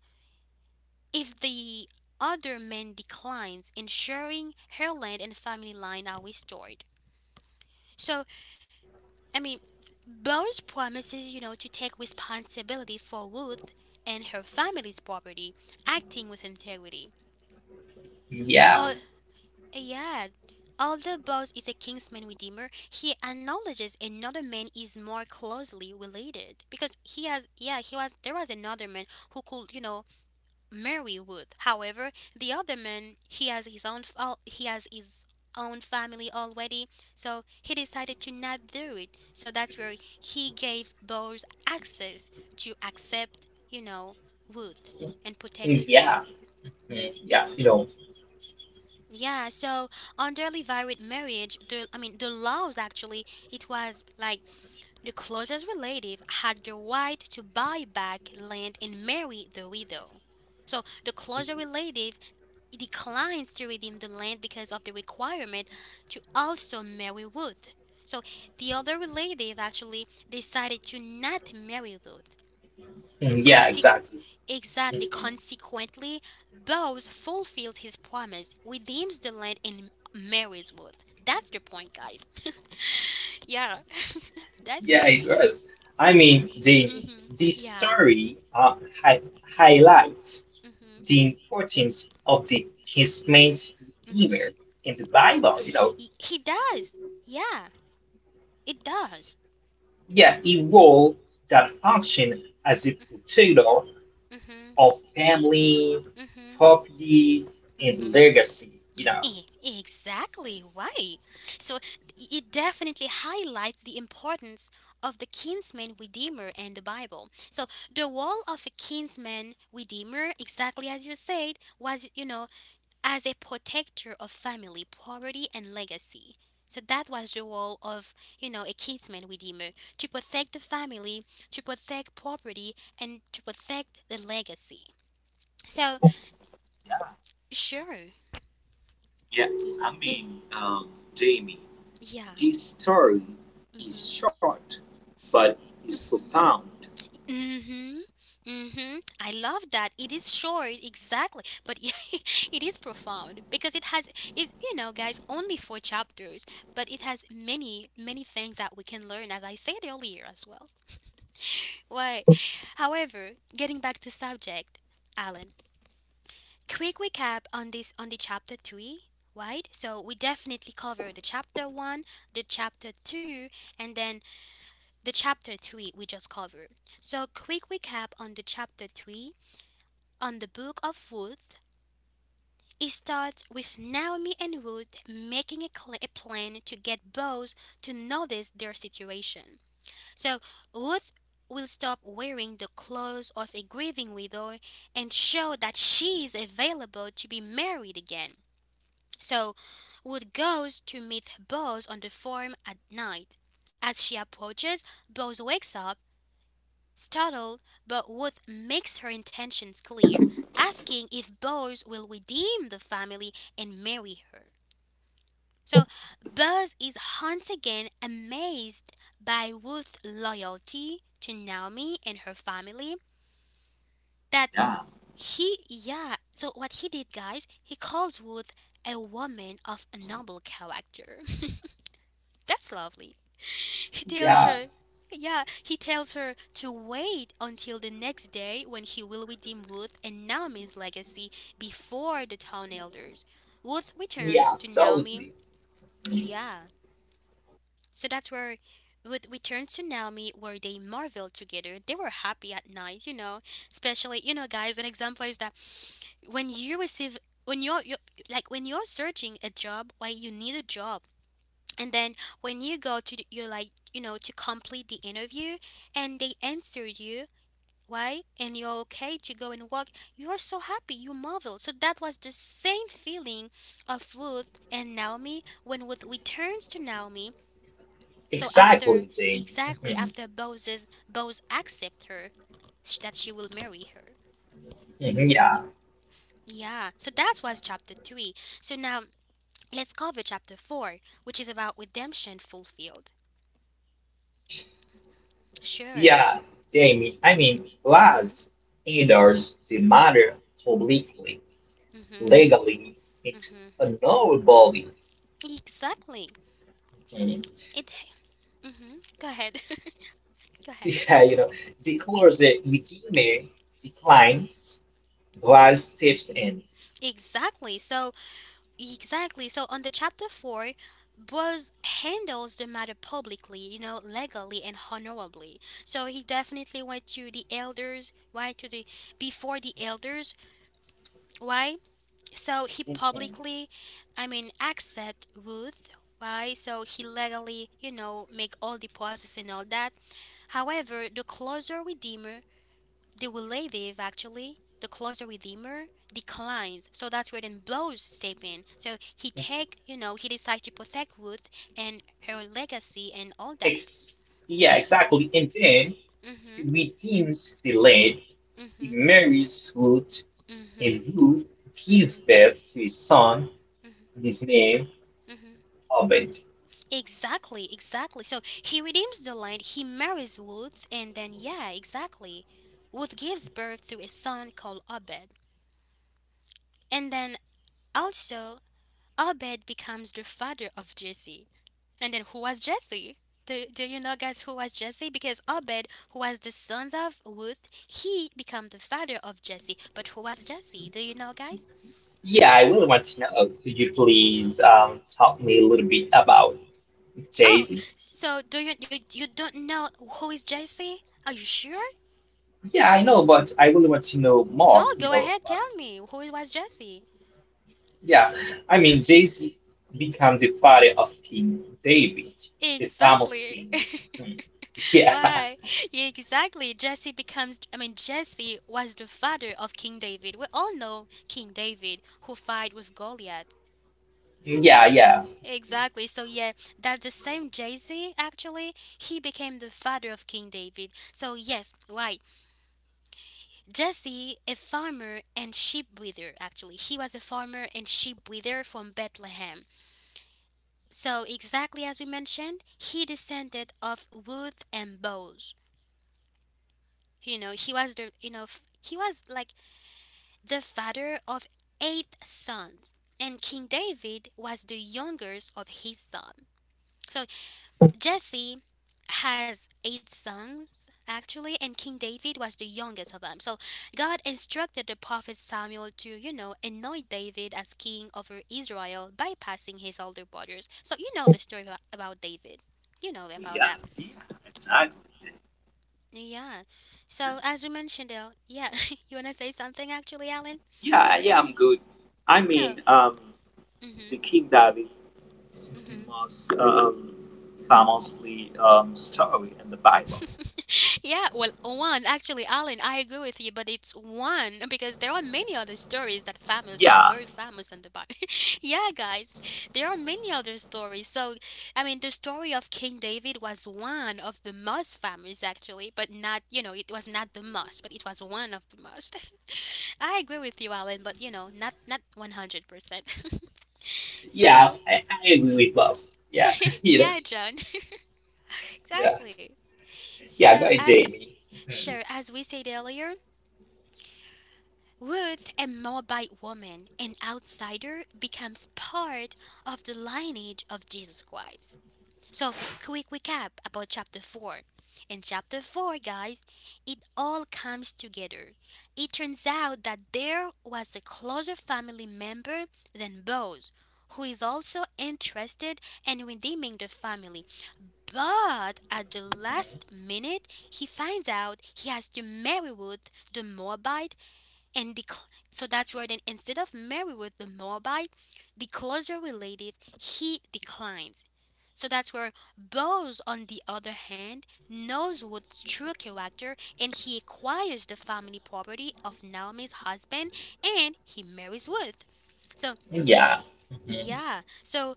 Speaker 1: if the other man declines, ensuring her land and family line are restored. So, I mean, Bowers promises, you know, to take responsibility for Ruth and her family's property, acting with integrity.
Speaker 3: yeah,
Speaker 1: Oh, yeah. Although Bowers is a Kingsman Redeemer, he acknowledges another man is more closely related because he has, yeah, he was, there was another man who could, you know, marry Wood. However, the other man he has his own fa- he has his own family already, so he decided to not do it. So that's where he gave Bose access to accept, you know, Wood and protect her.
Speaker 3: yeah, mm, yeah. You know,
Speaker 1: Yeah, so under Levirate marriage, the I mean the laws actually, it was like the closest relative had the right to buy back land and marry the widow. So the closer relative declines to redeem the land because of the requirement to also marry Ruth. So the other relative actually decided to not marry Ruth.
Speaker 3: mm, yeah,
Speaker 1: Consequ-
Speaker 3: exactly.
Speaker 1: exactly,
Speaker 3: Mhm.
Speaker 1: consequently, Boaz fulfills his promise, redeems the land, and marries Ruth. That's the point, guys. Yeah, that's
Speaker 3: Yeah,
Speaker 1: it.
Speaker 3: it was. I mean, the
Speaker 1: Mm-hmm.
Speaker 3: This
Speaker 1: Yeah.
Speaker 3: story uh, hi- highlights
Speaker 1: Mm-hmm.
Speaker 3: the importance of the his main
Speaker 1: Mm-hmm.
Speaker 3: redeemer in the Bible. You know,
Speaker 1: He, he does. Yeah, it does.
Speaker 3: yeah, a role that function as a tutor
Speaker 1: Mm-hmm.
Speaker 3: of family,
Speaker 1: Mm-hmm.
Speaker 3: property, and
Speaker 1: Mm-hmm.
Speaker 3: legacy. You know,
Speaker 1: E- Exactly right. So it definitely highlights the importance of the kinsman redeemer in the Bible. So the role of a kinsman redeemer, exactly as you said, was you know as a protector of family property and legacy. So that was the role of you know a kinsman redeemer to protect the family, to protect property, and to protect the legacy. So
Speaker 2: Yeah.
Speaker 1: sure,
Speaker 2: Yeah.
Speaker 1: E-
Speaker 2: I
Speaker 1: e-
Speaker 2: mean, um, Jamie,
Speaker 1: yeah.
Speaker 2: this story is
Speaker 1: Mm-hmm.
Speaker 2: short, but is profound.
Speaker 1: Mhm. Mhm. I love that. It is short, exactly, but it is profound because it has is you know, guys, only four chapters, but it has many many things that we can learn, as I said earlier as well. Right. However, getting back to subject, Alan. Quick recap on this on the chapter three, right? So we definitely covered the chapter one, the chapter two, and then the chapter three we just covered. So quick recap on the chapter three on the Book of Ruth, it starts with Naomi and Ruth making a, cl- a plan to get Boaz to notice their situation. So Ruth will stop wearing the clothes of a grieving widow and show that she is available to be married again. So Ruth goes to meet Boaz on the farm at night. As she approaches, Boaz wakes up startled, but Ruth makes her intentions clear, asking if Buzz will redeem the family and marry her. So Buzz is once again amazed by Ruth's loyalty to Naomi and her family. That
Speaker 2: Yeah.
Speaker 1: he, yeah, so what he did, guys, he calls Ruth a woman of a noble character. That's lovely. He tells
Speaker 3: yeah,
Speaker 1: her, yeah, he tells her to wait until the next day when he will redeem Ruth and Naomi's legacy before the town elders. Ruth
Speaker 3: yeah,
Speaker 1: returns to Naomi.
Speaker 3: absolutely. Mhm.
Speaker 1: Yeah. So that's where Ruth returns to Naomi where they marvel together. They were happy at night, you know. Especially, you know, guys, an example is that when you receive when you're, you're like when you're searching a job, why you need a job, and then when you go to the- you're like you know to complete the interview and they answer you why and you're okay to go and walk, you are so happy you marvel, so that was the same feeling of Ruth and Naomi when Ruth returns to Naomi. So after
Speaker 3: Exactly, Jamie.
Speaker 1: exactly
Speaker 3: Mhm.
Speaker 1: after Boaz's Boaz accept her sh- that she will marry her.
Speaker 3: Mhm. Yeah,
Speaker 1: Yeah. So that was chapter three. So now let's cover chapter four, which is about redemption fulfilled. Sure.
Speaker 3: yeah, Jamie. I mean,
Speaker 1: Mm-hmm.
Speaker 3: Laz endorse the matter publicly,
Speaker 1: Mm-hmm.
Speaker 3: legally, it
Speaker 1: Mhm.
Speaker 3: honorably.
Speaker 1: Exactly.
Speaker 3: Mm-hmm.
Speaker 1: It. Hmm. Go ahead. Go ahead.
Speaker 3: Yeah, you know, declares a redeemer declines, Christ steps in.
Speaker 1: Exactly. So exactly. So on the chapter four, Buzz handles the matter publicly, you know, legally and honorably. So he definitely went to the elders, why to the before the elders, why? So he
Speaker 3: Mhm.
Speaker 1: publicly, I mean, accept Ruth. Why? So he legally, you know, make all the process and all that. However, the closer Redeemer the relative, actually the closer redeemer, declines, so that's where then blows step in, so he take you know he decides to protect Ruth and her legacy and all that.
Speaker 3: Ex- yeah, exactly. And then he
Speaker 1: Mm-hmm.
Speaker 3: redeems the land. He
Speaker 1: Mm-hmm.
Speaker 3: marries Ruth, and
Speaker 1: Mm-hmm.
Speaker 3: Ruth gives
Speaker 1: Mm-hmm.
Speaker 3: birth to his son, his name
Speaker 1: Mm-hmm.
Speaker 3: Obed.
Speaker 1: Exactly, exactly. So he redeems the land, he marries Ruth, and then, yeah, exactly. Ruth gives birth to a son called Obed. And then also, Obed becomes the father of Jesse. And then who was Jesse? Do, do you know, guys, who was Jesse? Because Obed, who was the sons of Ruth, he became the father of Jesse. But who was Jesse? Do you know, guys?
Speaker 3: Yeah, I really want to know. Could you please um, talk me a little bit about
Speaker 1: Oh,
Speaker 3: Jason?
Speaker 1: so do you you, you don't know who is Jesse? Are you sure?
Speaker 3: Yeah, I know, but I really want to know
Speaker 1: No,
Speaker 3: more.
Speaker 1: go
Speaker 3: You know,
Speaker 1: ahead, tell me who was Jesse.
Speaker 3: yeah, I mean, Jay-Z became the father of King David, the famous
Speaker 1: Exactly.
Speaker 3: king.
Speaker 1: Why? Yeah, exactly. Jesse becomes, I mean, Jesse was the father of King David. We all know King David who fight with Goliath.
Speaker 3: Hmm. Yeah, yeah, yeah,
Speaker 1: Exactly. So yeah, that the same Jay-Z actually, he became the father of King David. So yes, right. Jesse, a farmer and sheep breeder actually. He was a farmer and sheep breeder from Bethlehem. So exactly as we mentioned, he descended of Ruth and Boaz. You know, he was the you know, f- he was like the father of eight sons. And King David was the youngest of his son. So Jesse has eight sons actually, and King David was the youngest of them. So God instructed the prophet Samuel to, you know, anoint David as king over Israel bypassing his older brothers. So you know the story about, about David. You know about
Speaker 2: Yeah,
Speaker 1: that.
Speaker 2: yeah. Exactly.
Speaker 1: Yeah. So as you mentioned, uh, yeah, you want to say something actually, Alan?
Speaker 2: Yeah, yeah, I'm good. I
Speaker 1: No.
Speaker 2: mean, um, the
Speaker 1: Mhm.
Speaker 2: King David. This is the
Speaker 1: Mhm.
Speaker 2: most um, famously um, story in the Bible.
Speaker 1: Yeah, well, one actually, Alan, I agree with you, but it's one because there are many other stories that famous that are
Speaker 2: Yeah,
Speaker 1: very famous in the Bible. yeah, guys, there are many other stories. So, I mean, the story of King David was one of the most famous, actually, but not you know it was not the most, but it was one of the most. I agree with you, Alan, but you know, not not one hundred percent.
Speaker 3: yeah.
Speaker 1: So,
Speaker 3: I, I agree with both. Yeah, you know,
Speaker 1: yeah, John,
Speaker 3: yeah,
Speaker 1: exactly. So,
Speaker 3: yeah. Go ahead,
Speaker 1: as
Speaker 3: Jamie.
Speaker 1: sure
Speaker 3: Mhm.
Speaker 1: as we said earlier, Ruth, a Moabite woman, an outsider, becomes part of the lineage of Jesus Christ. So, quick recap about chapter four. In chapter four, guys, it all comes together. It turns out that there was a closer family member than Boaz, who is also interested in redeeming the family. But at the last minute, he finds out he has to marry Ruth, the Moabite, and the cl- so that's where then instead of Mary with the Moabite, the closer relative he declines. So that's where Boaz, on the other hand, knows what's true character and he acquires the family property of Naomi's husband and he marries Ruth. So,
Speaker 3: Yeah, hmm
Speaker 1: yeah, so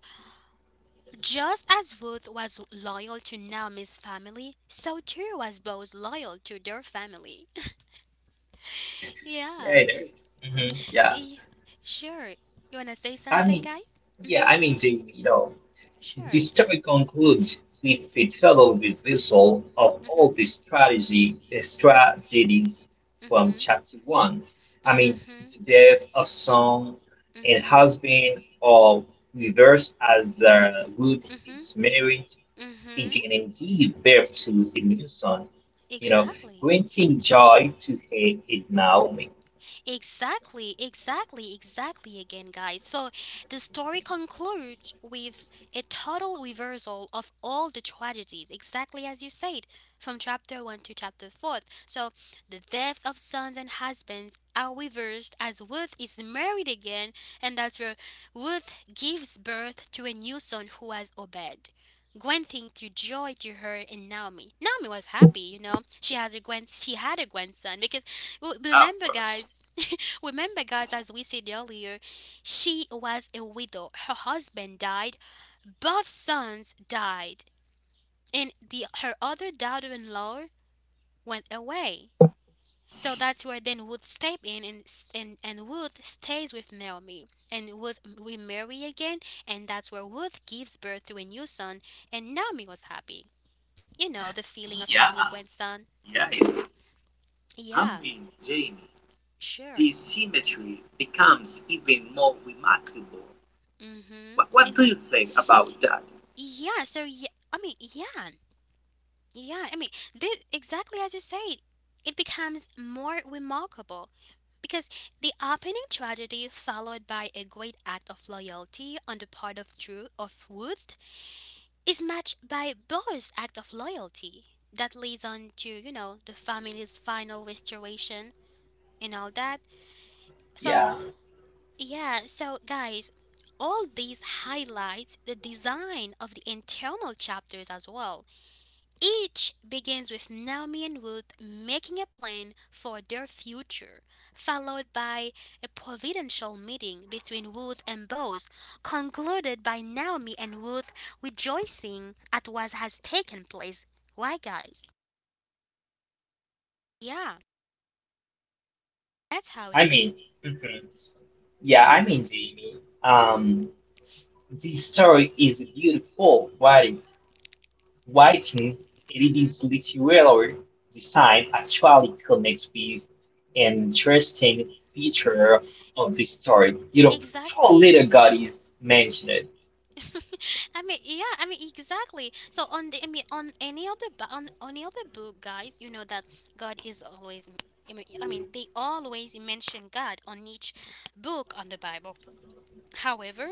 Speaker 1: just as Ruth was loyal to Naomi's family, so too was Boaz loyal to their family.
Speaker 3: yeah,
Speaker 1: yeah.
Speaker 3: I know. Mhm. Yeah.
Speaker 1: Y- sure. You wanna say
Speaker 3: I
Speaker 1: something,
Speaker 3: mean,
Speaker 1: guys?
Speaker 3: yeah,
Speaker 1: Mhm.
Speaker 3: I mean, Jamie, you know. The
Speaker 1: Sure.
Speaker 3: study concludes with a thorough reversal of
Speaker 1: Mhm.
Speaker 3: all the strategy strategies from
Speaker 1: Mhm.
Speaker 3: chapter one. I mean
Speaker 1: Mhm.
Speaker 3: the death of son and
Speaker 1: Mhm.
Speaker 3: husband or reversed as uh, Ruth
Speaker 1: Mhm.
Speaker 3: is married
Speaker 1: Mhm.
Speaker 3: again and give birth to a new son. You know,
Speaker 1: Exactly.
Speaker 3: granting joy to her and Naomi.
Speaker 1: Exactly, exactly, exactly again, guys. So the story concludes with a total reversal of all the tragedies, exactly as you said, from chapter one to chapter four. So the death of sons and husbands are reversed as Ruth is married again, and that's where Ruth gives birth to a new son who has Obed. Gwen think to joy to her and Naomi. Naomi was happy, you know. She has a Gwen. She had a grandson because w-
Speaker 2: of
Speaker 1: remember,
Speaker 2: course.
Speaker 1: guys, remember, guys, as we said earlier, she was a widow. Her husband died, both sons died, and the her other daughter-in-law went away. So that's where then Ruth step in, and s- and and Ruth stays with Naomi, and Ruth remarry again, and that's where Ruth gives birth to a new son, and Naomi was happy. You know the feeling of having
Speaker 2: Yeah,
Speaker 1: a grandson.
Speaker 2: yeah.
Speaker 1: Hmm.
Speaker 2: Yeah. I
Speaker 1: Yeah,
Speaker 2: mean, Jamie,
Speaker 1: sure.
Speaker 2: this symmetry becomes even more remarkable.
Speaker 1: Mm-hmm.
Speaker 2: What, what do
Speaker 1: It,
Speaker 2: you think about that?
Speaker 1: yeah, so yeah, I mean, yeah, Yeah, I mean, this exactly as you say, it becomes more remarkable because the opening tragedy followed by a great act of loyalty on the part of True of Ruth is matched by Boar's act of loyalty that leads on to, you know, the family's final restoration and all that. So,
Speaker 3: Yeah,
Speaker 1: yeah, so guys, all these highlights the design of the internal chapters as well. Each begins with Naomi and Ruth making a plan for their future, followed by a providential meeting between Ruth and Boaz, concluded by Naomi and Ruth rejoicing at what has taken place. Why, guys? Yeah, that's how it
Speaker 3: I
Speaker 1: is.
Speaker 3: mean, mhm. yeah, I
Speaker 1: Sure.
Speaker 3: mean, Jamie.
Speaker 1: Hmm.
Speaker 3: Um, This story is beautiful writing. Writing and its literary design actually connects with an interesting feature of the story. You know how
Speaker 1: Exactly.
Speaker 3: little God is mentioned.
Speaker 1: I mean, yeah, I mean exactly. So on the, I mean, on any other, bu- on any other book, guys, you know that God is always. I mean, I mean, they always mention God on each book on the Bible. However,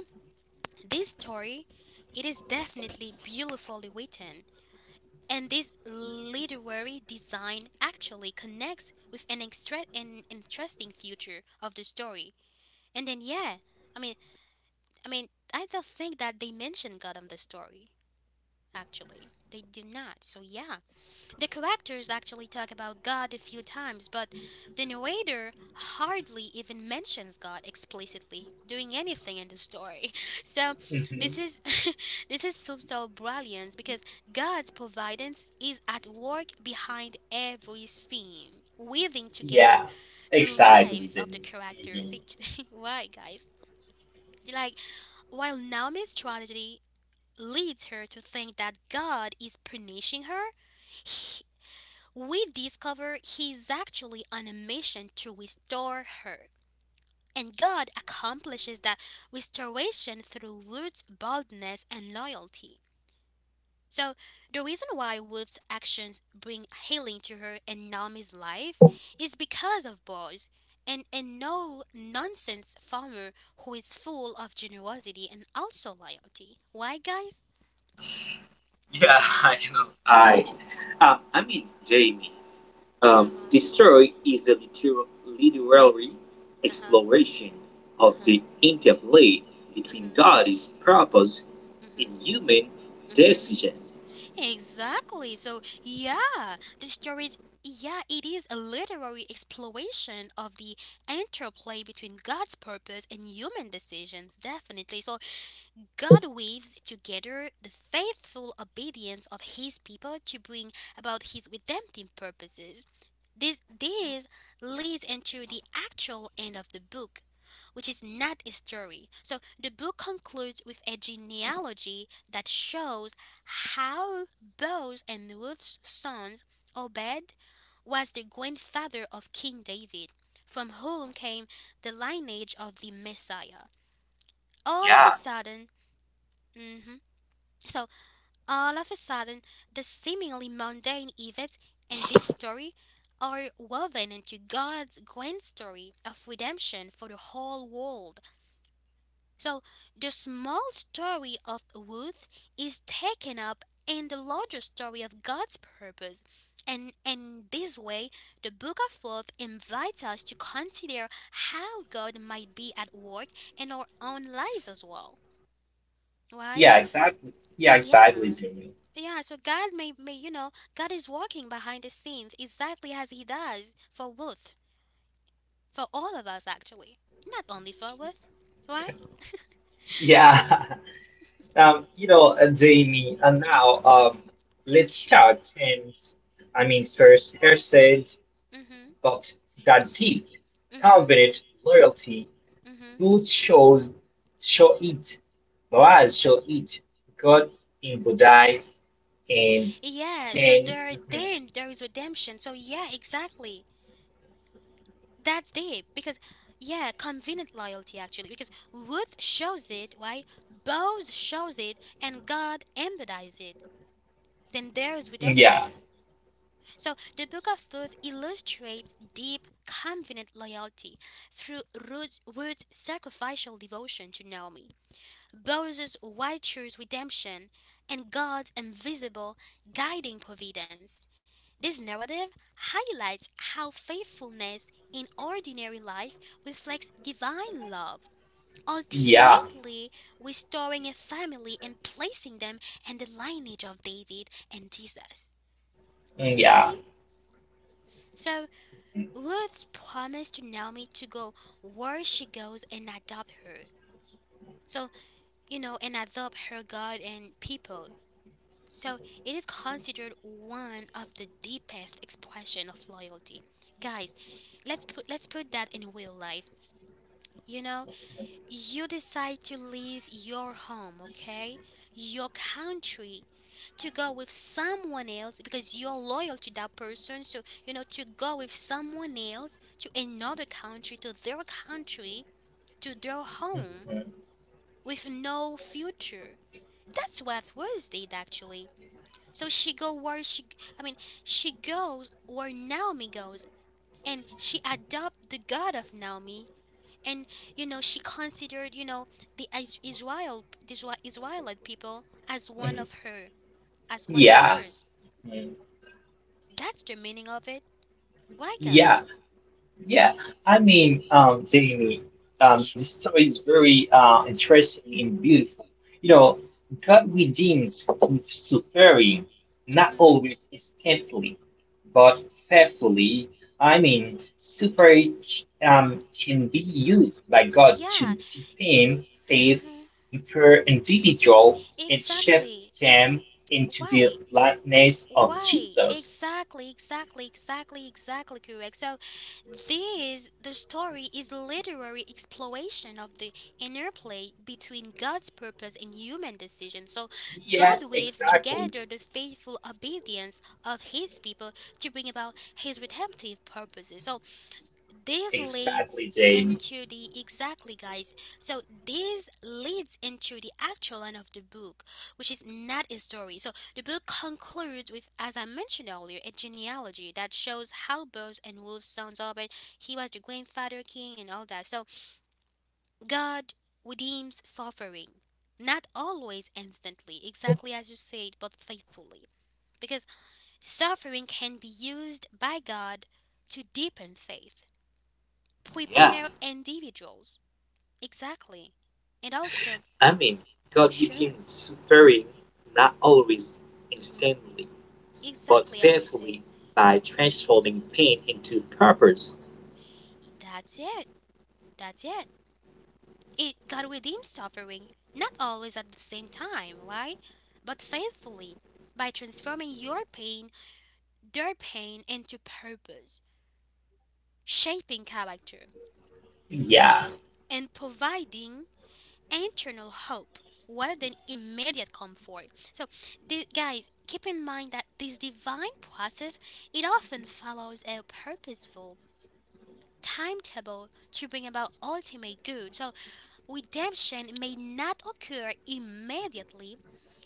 Speaker 1: this story, it is definitely beautifully written, and this literary design actually connects with an extra an interesting future of the story. And then, yeah, I mean, I mean, I don't think that they mention God on the story actually. They do not. So, yeah. The characters actually talk about God a few times, but the narrator hardly even mentions God explicitly doing anything in the story. So, this
Speaker 3: Hmm.
Speaker 1: is this is subtle brilliance because God's providence is at work behind every scene, weaving together
Speaker 3: Yeah,
Speaker 1: the
Speaker 3: exactly,
Speaker 1: lives of the
Speaker 3: Jamie.
Speaker 1: characters.
Speaker 3: Hmm.
Speaker 1: Why, guys? Like while Naomi's tragedy leads her to think that God is punishing her, he- we discover he is actually on a mission to restore her. And God accomplishes that restoration through Ruth's boldness and loyalty. So, the reason why Ruth's actions bring healing to her and Naomi's life is because of Boaz and a no nonsense farmer who is full of generosity and also loyalty. Why, guys?
Speaker 2: Yeah, you know. I,
Speaker 1: Uh
Speaker 2: um, I mean, Jamie, um,
Speaker 1: huh.
Speaker 2: the story is a liter- literary
Speaker 1: Uh huh.
Speaker 2: exploration of
Speaker 1: Uh-huh.
Speaker 2: the interplay between
Speaker 1: Mhm.
Speaker 2: God's purpose
Speaker 1: Mhm.
Speaker 2: and human
Speaker 1: Mhm.
Speaker 2: decisions.
Speaker 1: Exactly. So, yeah, the story is yeah, it is a literary exploration of the interplay between God's purpose and human decisions, definitely. So, God weaves together the faithful obedience of his people to bring about his redemptive purposes. This, this leads into the actual end of the book, which is not a story. So the book concludes with a genealogy that shows how Boaz and Ruth's sons, Obed, was the grandfather of King David, from whom came the lineage of the Messiah. All of a
Speaker 2: Yeah,
Speaker 1: sudden, mhm. So all of a sudden, the seemingly mundane events in this story are woven into God's grand story of redemption for the whole world. So, the small story of Ruth is taken up in the larger story of God's purpose. And in this way, the book of Ruth invites us to consider how God might be at work in our own lives as well. Why?
Speaker 3: Yeah,
Speaker 1: So,
Speaker 3: exactly. Yeah, exactly,
Speaker 1: yeah.
Speaker 3: Jamie.
Speaker 1: Yeah, so God may, may you know, God is working behind the scenes exactly as He does for Ruth, for all of us actually, not only for Ruth, right?
Speaker 3: Yeah, um, you know, uh, Jamie. And now, um, let's
Speaker 1: Sure.
Speaker 3: start. And I mean, first, Hersey.
Speaker 1: Mm-hmm.
Speaker 3: But that deep,
Speaker 1: Mm-hmm.
Speaker 3: confident loyalty,
Speaker 1: Mm-hmm.
Speaker 3: food shows show it, morals show it, God in Buddhize and
Speaker 1: Yeah, so
Speaker 3: then
Speaker 1: there
Speaker 3: mhm,
Speaker 1: then there is redemption. So yeah, exactly. That's deep because yeah, convenient loyalty actually because Ruth shows it, right? Boaz shows it and God embodies it. Then there is
Speaker 3: yeah,
Speaker 1: redemption. So the Book of Ruth illustrates deep, confident loyalty through Ruth, Ruth's sacrificial devotion to Naomi, Boaz's righteous redemption, and God's invisible guiding providence. This narrative highlights how faithfulness in ordinary life reflects divine love,
Speaker 3: yeah,
Speaker 1: ultimately restoring a family and placing them in the lineage of David and Jesus.
Speaker 3: Mm, yeah,
Speaker 1: Right? So Woods promised to Naomi to go where she goes and adopt her. So, you know, and adopt her God and people. So, it is considered one of the deepest expression of loyalty. Guys, let's put let's put that in real life. You know, you decide to leave your home, okay? Your country to go with someone else because you're loyal to that person. So, you know, to go with someone else to another country, to their country, to their home
Speaker 3: mhm,
Speaker 1: with no future. That's what was did actually. So she go where she I mean, she goes where Naomi goes and she adopt the god of Naomi and you know she considered you know the Is- Israel the Isra- Israelite people as one
Speaker 3: mhm,
Speaker 1: of her as one of
Speaker 3: yeah,
Speaker 1: hers.
Speaker 3: mhm,
Speaker 1: That's the meaning of it. Why,
Speaker 3: yeah.
Speaker 1: guys?
Speaker 3: Yeah, I mean, um, Jamie, um, the
Speaker 1: Sure.
Speaker 3: story is very uh, interesting and beautiful. You know, God redeems with suffering, not
Speaker 1: Mhm.
Speaker 3: always instantly, but faithfully. I mean, suffering um, can be used by God to
Speaker 1: Yeah.
Speaker 3: deepen faith,
Speaker 1: Mhm.
Speaker 3: in per individual, and shape
Speaker 1: Exactly. Ex.
Speaker 3: them into the
Speaker 1: Why?
Speaker 3: likeness of
Speaker 1: Why?
Speaker 3: Jesus.
Speaker 1: Exactly, exactly, exactly, exactly correct. So, this the story is literary exploration of the interplay between God's purpose and human decision. So,
Speaker 3: Yeah,
Speaker 1: God weaves
Speaker 3: exactly,
Speaker 1: together the faithful obedience of His people to bring about His redemptive purposes. So, this leads
Speaker 3: exactly, Jamie.
Speaker 1: into the exactly guys so this leads into the actual end of the book which is not a story so the book concludes with as I mentioned earlier a genealogy that shows how bows and wolves sons albert he was the grandfather king and all that so god redeems suffering not always instantly exactly as you said but faithfully because suffering can be used by god to deepen faith
Speaker 2: yeah,
Speaker 1: prepare individuals exactly and also
Speaker 2: I mean, God
Speaker 1: sure
Speaker 2: redeemed suffering not always
Speaker 1: hmm
Speaker 2: instantly, but
Speaker 1: exactly as you say
Speaker 2: faithfully by transforming pain into purpose.
Speaker 1: that's it that's it it god redeems suffering not always at the same time right but faithfully by transforming your pain their pain into purpose shaping character
Speaker 3: Yeah.
Speaker 1: and providing internal hope rather than immediate comfort. So, the, guys, keep in mind that this divine process it often follows a purposeful timetable to bring about ultimate good. So, redemption may not occur immediately.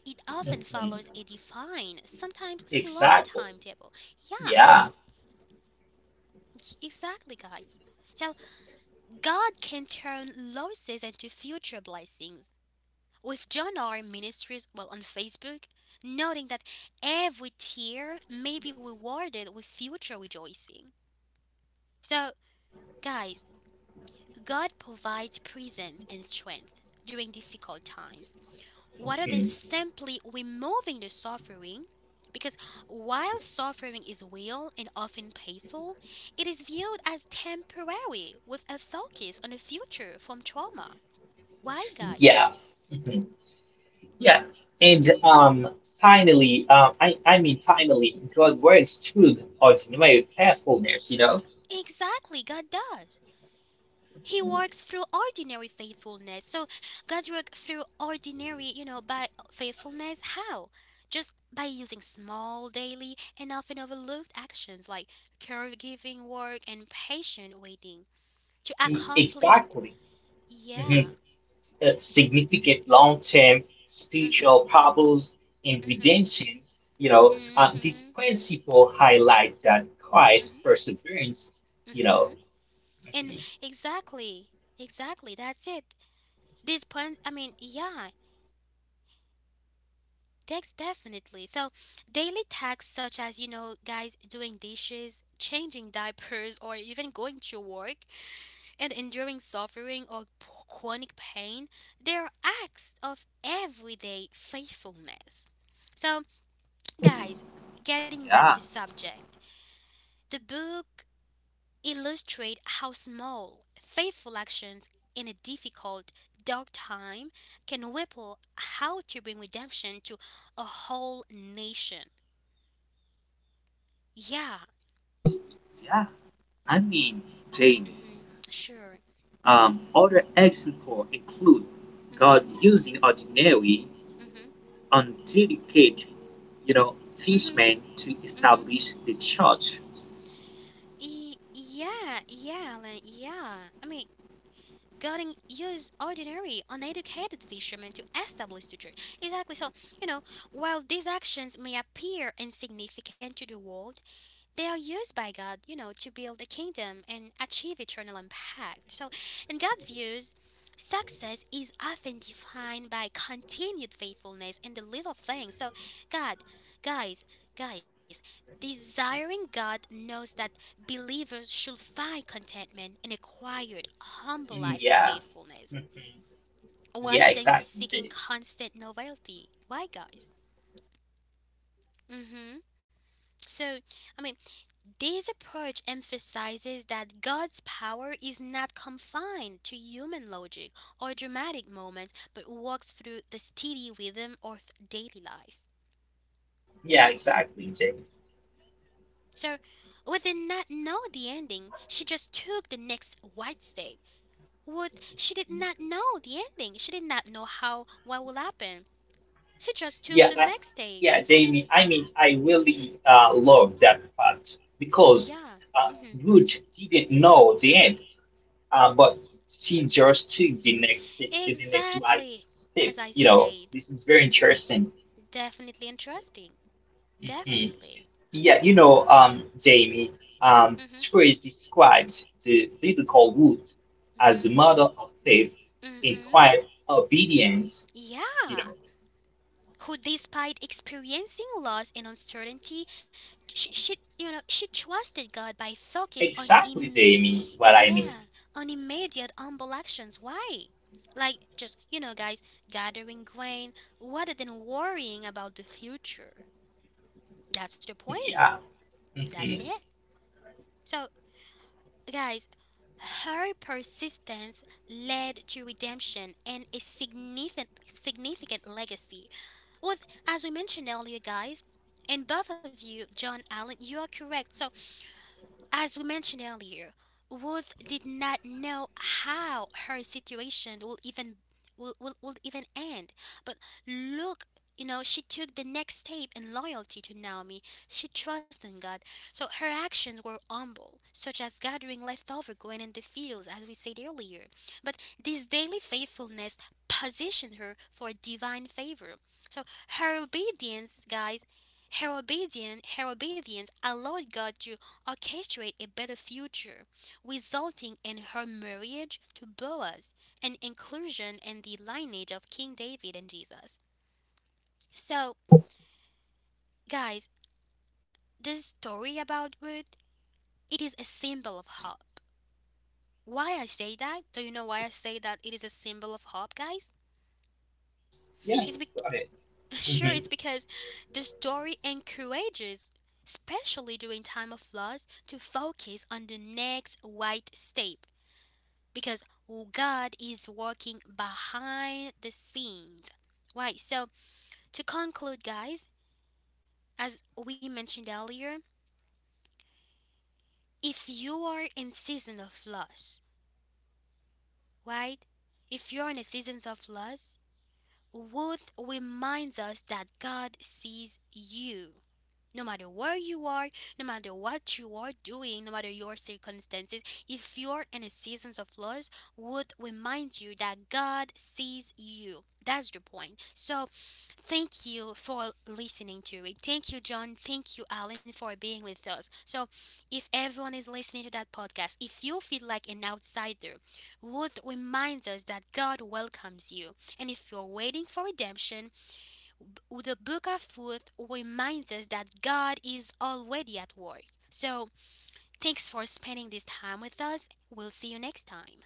Speaker 1: It often
Speaker 3: Mhm.
Speaker 1: follows a defined, sometimes slow
Speaker 3: Exactly.
Speaker 1: timetable. Yeah,
Speaker 3: Yeah.
Speaker 1: exactly, guys. So, God can turn losses into future blessings with John R. Ministries, well, on Facebook, noting that every tear may be rewarded with future rejoicing. So, guys, God provides presence and strength during difficult times, rather than
Speaker 3: Mhm.
Speaker 1: simply removing the suffering. Because while suffering is real and often painful, it is viewed as temporary with a focus on the future from trauma. Why, guys?
Speaker 3: Yeah. Mhm. Yeah. And um, finally, uh, I I mean, finally, God works through ordinary faithfulness. You know,
Speaker 1: Exactly, God does. He works through ordinary faithfulness. So God's work through ordinary, you know, by faithfulness. How? Just by using small, daily, and often overlooked actions like caregiving work and patient waiting to
Speaker 3: E-
Speaker 1: accomplish.
Speaker 3: exactly.
Speaker 1: Yeah.
Speaker 3: Mhm. Uh,
Speaker 1: It,
Speaker 3: significant long-term spiritual
Speaker 1: mm-hmm,
Speaker 3: problems in
Speaker 1: mm-hmm,
Speaker 3: redemption. You know, uh, this
Speaker 1: mm-hmm,
Speaker 3: principle highlight that quiet
Speaker 1: mm-hmm,
Speaker 3: perseverance. You
Speaker 1: mm-hmm.
Speaker 3: know.
Speaker 1: And
Speaker 3: Mhm.
Speaker 1: exactly, exactly. That's it. This point. I mean, yeah. Takes definitely. So, daily tasks such as, you know, guys, doing dishes, changing diapers, or even going to work and enduring suffering or p- chronic pain, they are acts of everyday faithfulness. So, guys, getting back to
Speaker 2: Yeah,
Speaker 1: subject, the book illustrates how small, faithful actions in a difficult, dark time can ripple how to bring redemption to a whole nation. Yeah.
Speaker 2: yeah. I mean, Jamie,
Speaker 1: Mhm. Sure.
Speaker 2: um, other examples include
Speaker 1: Mhm.
Speaker 2: God using ordinary,
Speaker 1: Mhm.
Speaker 2: undelicate, you know,
Speaker 1: Mhm.
Speaker 2: fishmen to
Speaker 1: Mhm.
Speaker 2: establish the church.
Speaker 1: E- yeah, yeah, Alan, yeah. I mean, Godin used ordinary, uneducated fishermen to establish the church. Exactly. So, you know, while these actions may appear insignificant to the world, they are used by God, you know, to build a kingdom and achieve eternal impact. So, in God's views, success is often defined by continued faithfulness in the little things. So, God, guys, guys, desiring God knows that believers should find contentment in a quiet, humble life of
Speaker 3: Yeah. Mhm.
Speaker 1: faithfulness
Speaker 3: Yeah.
Speaker 1: rather than
Speaker 3: Exactly.
Speaker 1: seeking constant novelty. Why, guys? Mm-hmm. So, I mean, this approach emphasizes that God's power is not confined to human logic or dramatic moments, but walks through the steady rhythm of daily life.
Speaker 3: Yeah, exactly, Jamie.
Speaker 1: So, we did not know the ending, she just took the next white step. What, she did not know the ending, she did not know how what will happen. She just took
Speaker 3: Yeah,
Speaker 1: the
Speaker 3: I,
Speaker 1: next step.
Speaker 3: yeah, Jamie. I mean, I really uh, love that part because
Speaker 1: Yeah,
Speaker 3: uh,
Speaker 1: mhm,
Speaker 3: Ruth didn't know the end, uh, but she just took the next step, the next right
Speaker 1: exactly.
Speaker 3: step.
Speaker 1: As I
Speaker 3: You know,
Speaker 1: said,
Speaker 3: this is very interesting.
Speaker 1: definitely interesting.
Speaker 3: Mhm.
Speaker 1: Definitely.
Speaker 3: Yeah, you know, um, Jamie, um,
Speaker 1: Mm-hmm.
Speaker 3: this phrase describes the biblical Ruth as the
Speaker 1: Mm-hmm.
Speaker 3: model of faith in
Speaker 1: Mm-hmm.
Speaker 3: quiet obedience. You
Speaker 1: Yeah.
Speaker 3: know,
Speaker 1: Who, despite experiencing loss and uncertainty, she, she you know she trusted God by focus on
Speaker 3: exactly,
Speaker 1: Im-
Speaker 3: Jamie, what I mean.
Speaker 1: yeah, on immediate humble actions. Why? Like, just you know, guys, gathering grain rather than worrying about the future. That's the point.
Speaker 3: Yeah.
Speaker 1: That's
Speaker 3: Hmm.
Speaker 1: it. So guys, her persistence led to redemption and a significant significant legacy. Well, as we mentioned earlier, guys, and both of you, John, Allen, you are correct. So as we mentioned earlier, Ruth did not know how her situation will even will, will, will even end. But look, you know, she took the next step in loyalty to Naomi. She trusted in God. So her actions were humble, such as gathering leftover grain in the fields, as we said earlier. But this daily faithfulness positioned her for divine favor. So her obedience, guys, her obedience, her obedience allowed God to orchestrate a better future, resulting in her marriage to Boaz and inclusion in the lineage of King David and Jesus. So, guys, this story about Ruth, it is a symbol of hope. Why I say that? Do you know why I say that it is a symbol of hope, guys?
Speaker 3: Yeah.
Speaker 1: It's be-
Speaker 3: Go ahead.
Speaker 1: sure,
Speaker 3: Mm-hmm.
Speaker 1: it's because the story encourages, especially during time of loss, to focus on the next right step, because God is working behind the scenes. Right, so to conclude, guys, as we mentioned earlier, if you are in season of loss, right? If you're in a season of loss, Ruth reminds us that God sees you. No matter where you are, no matter what you are doing, no matter your circumstances, if you're in a season of loss, would remind you that God sees you. That's the point. So thank you for listening to it. Thank you, John. Thank you, Alan, for being with us. So, if everyone is listening to that podcast, if you feel like an outsider, would reminds us that God welcomes you. And if you're waiting for redemption, the book of Ruth reminds us that God is already at work. So, thanks for spending this time with us. We'll see you next time.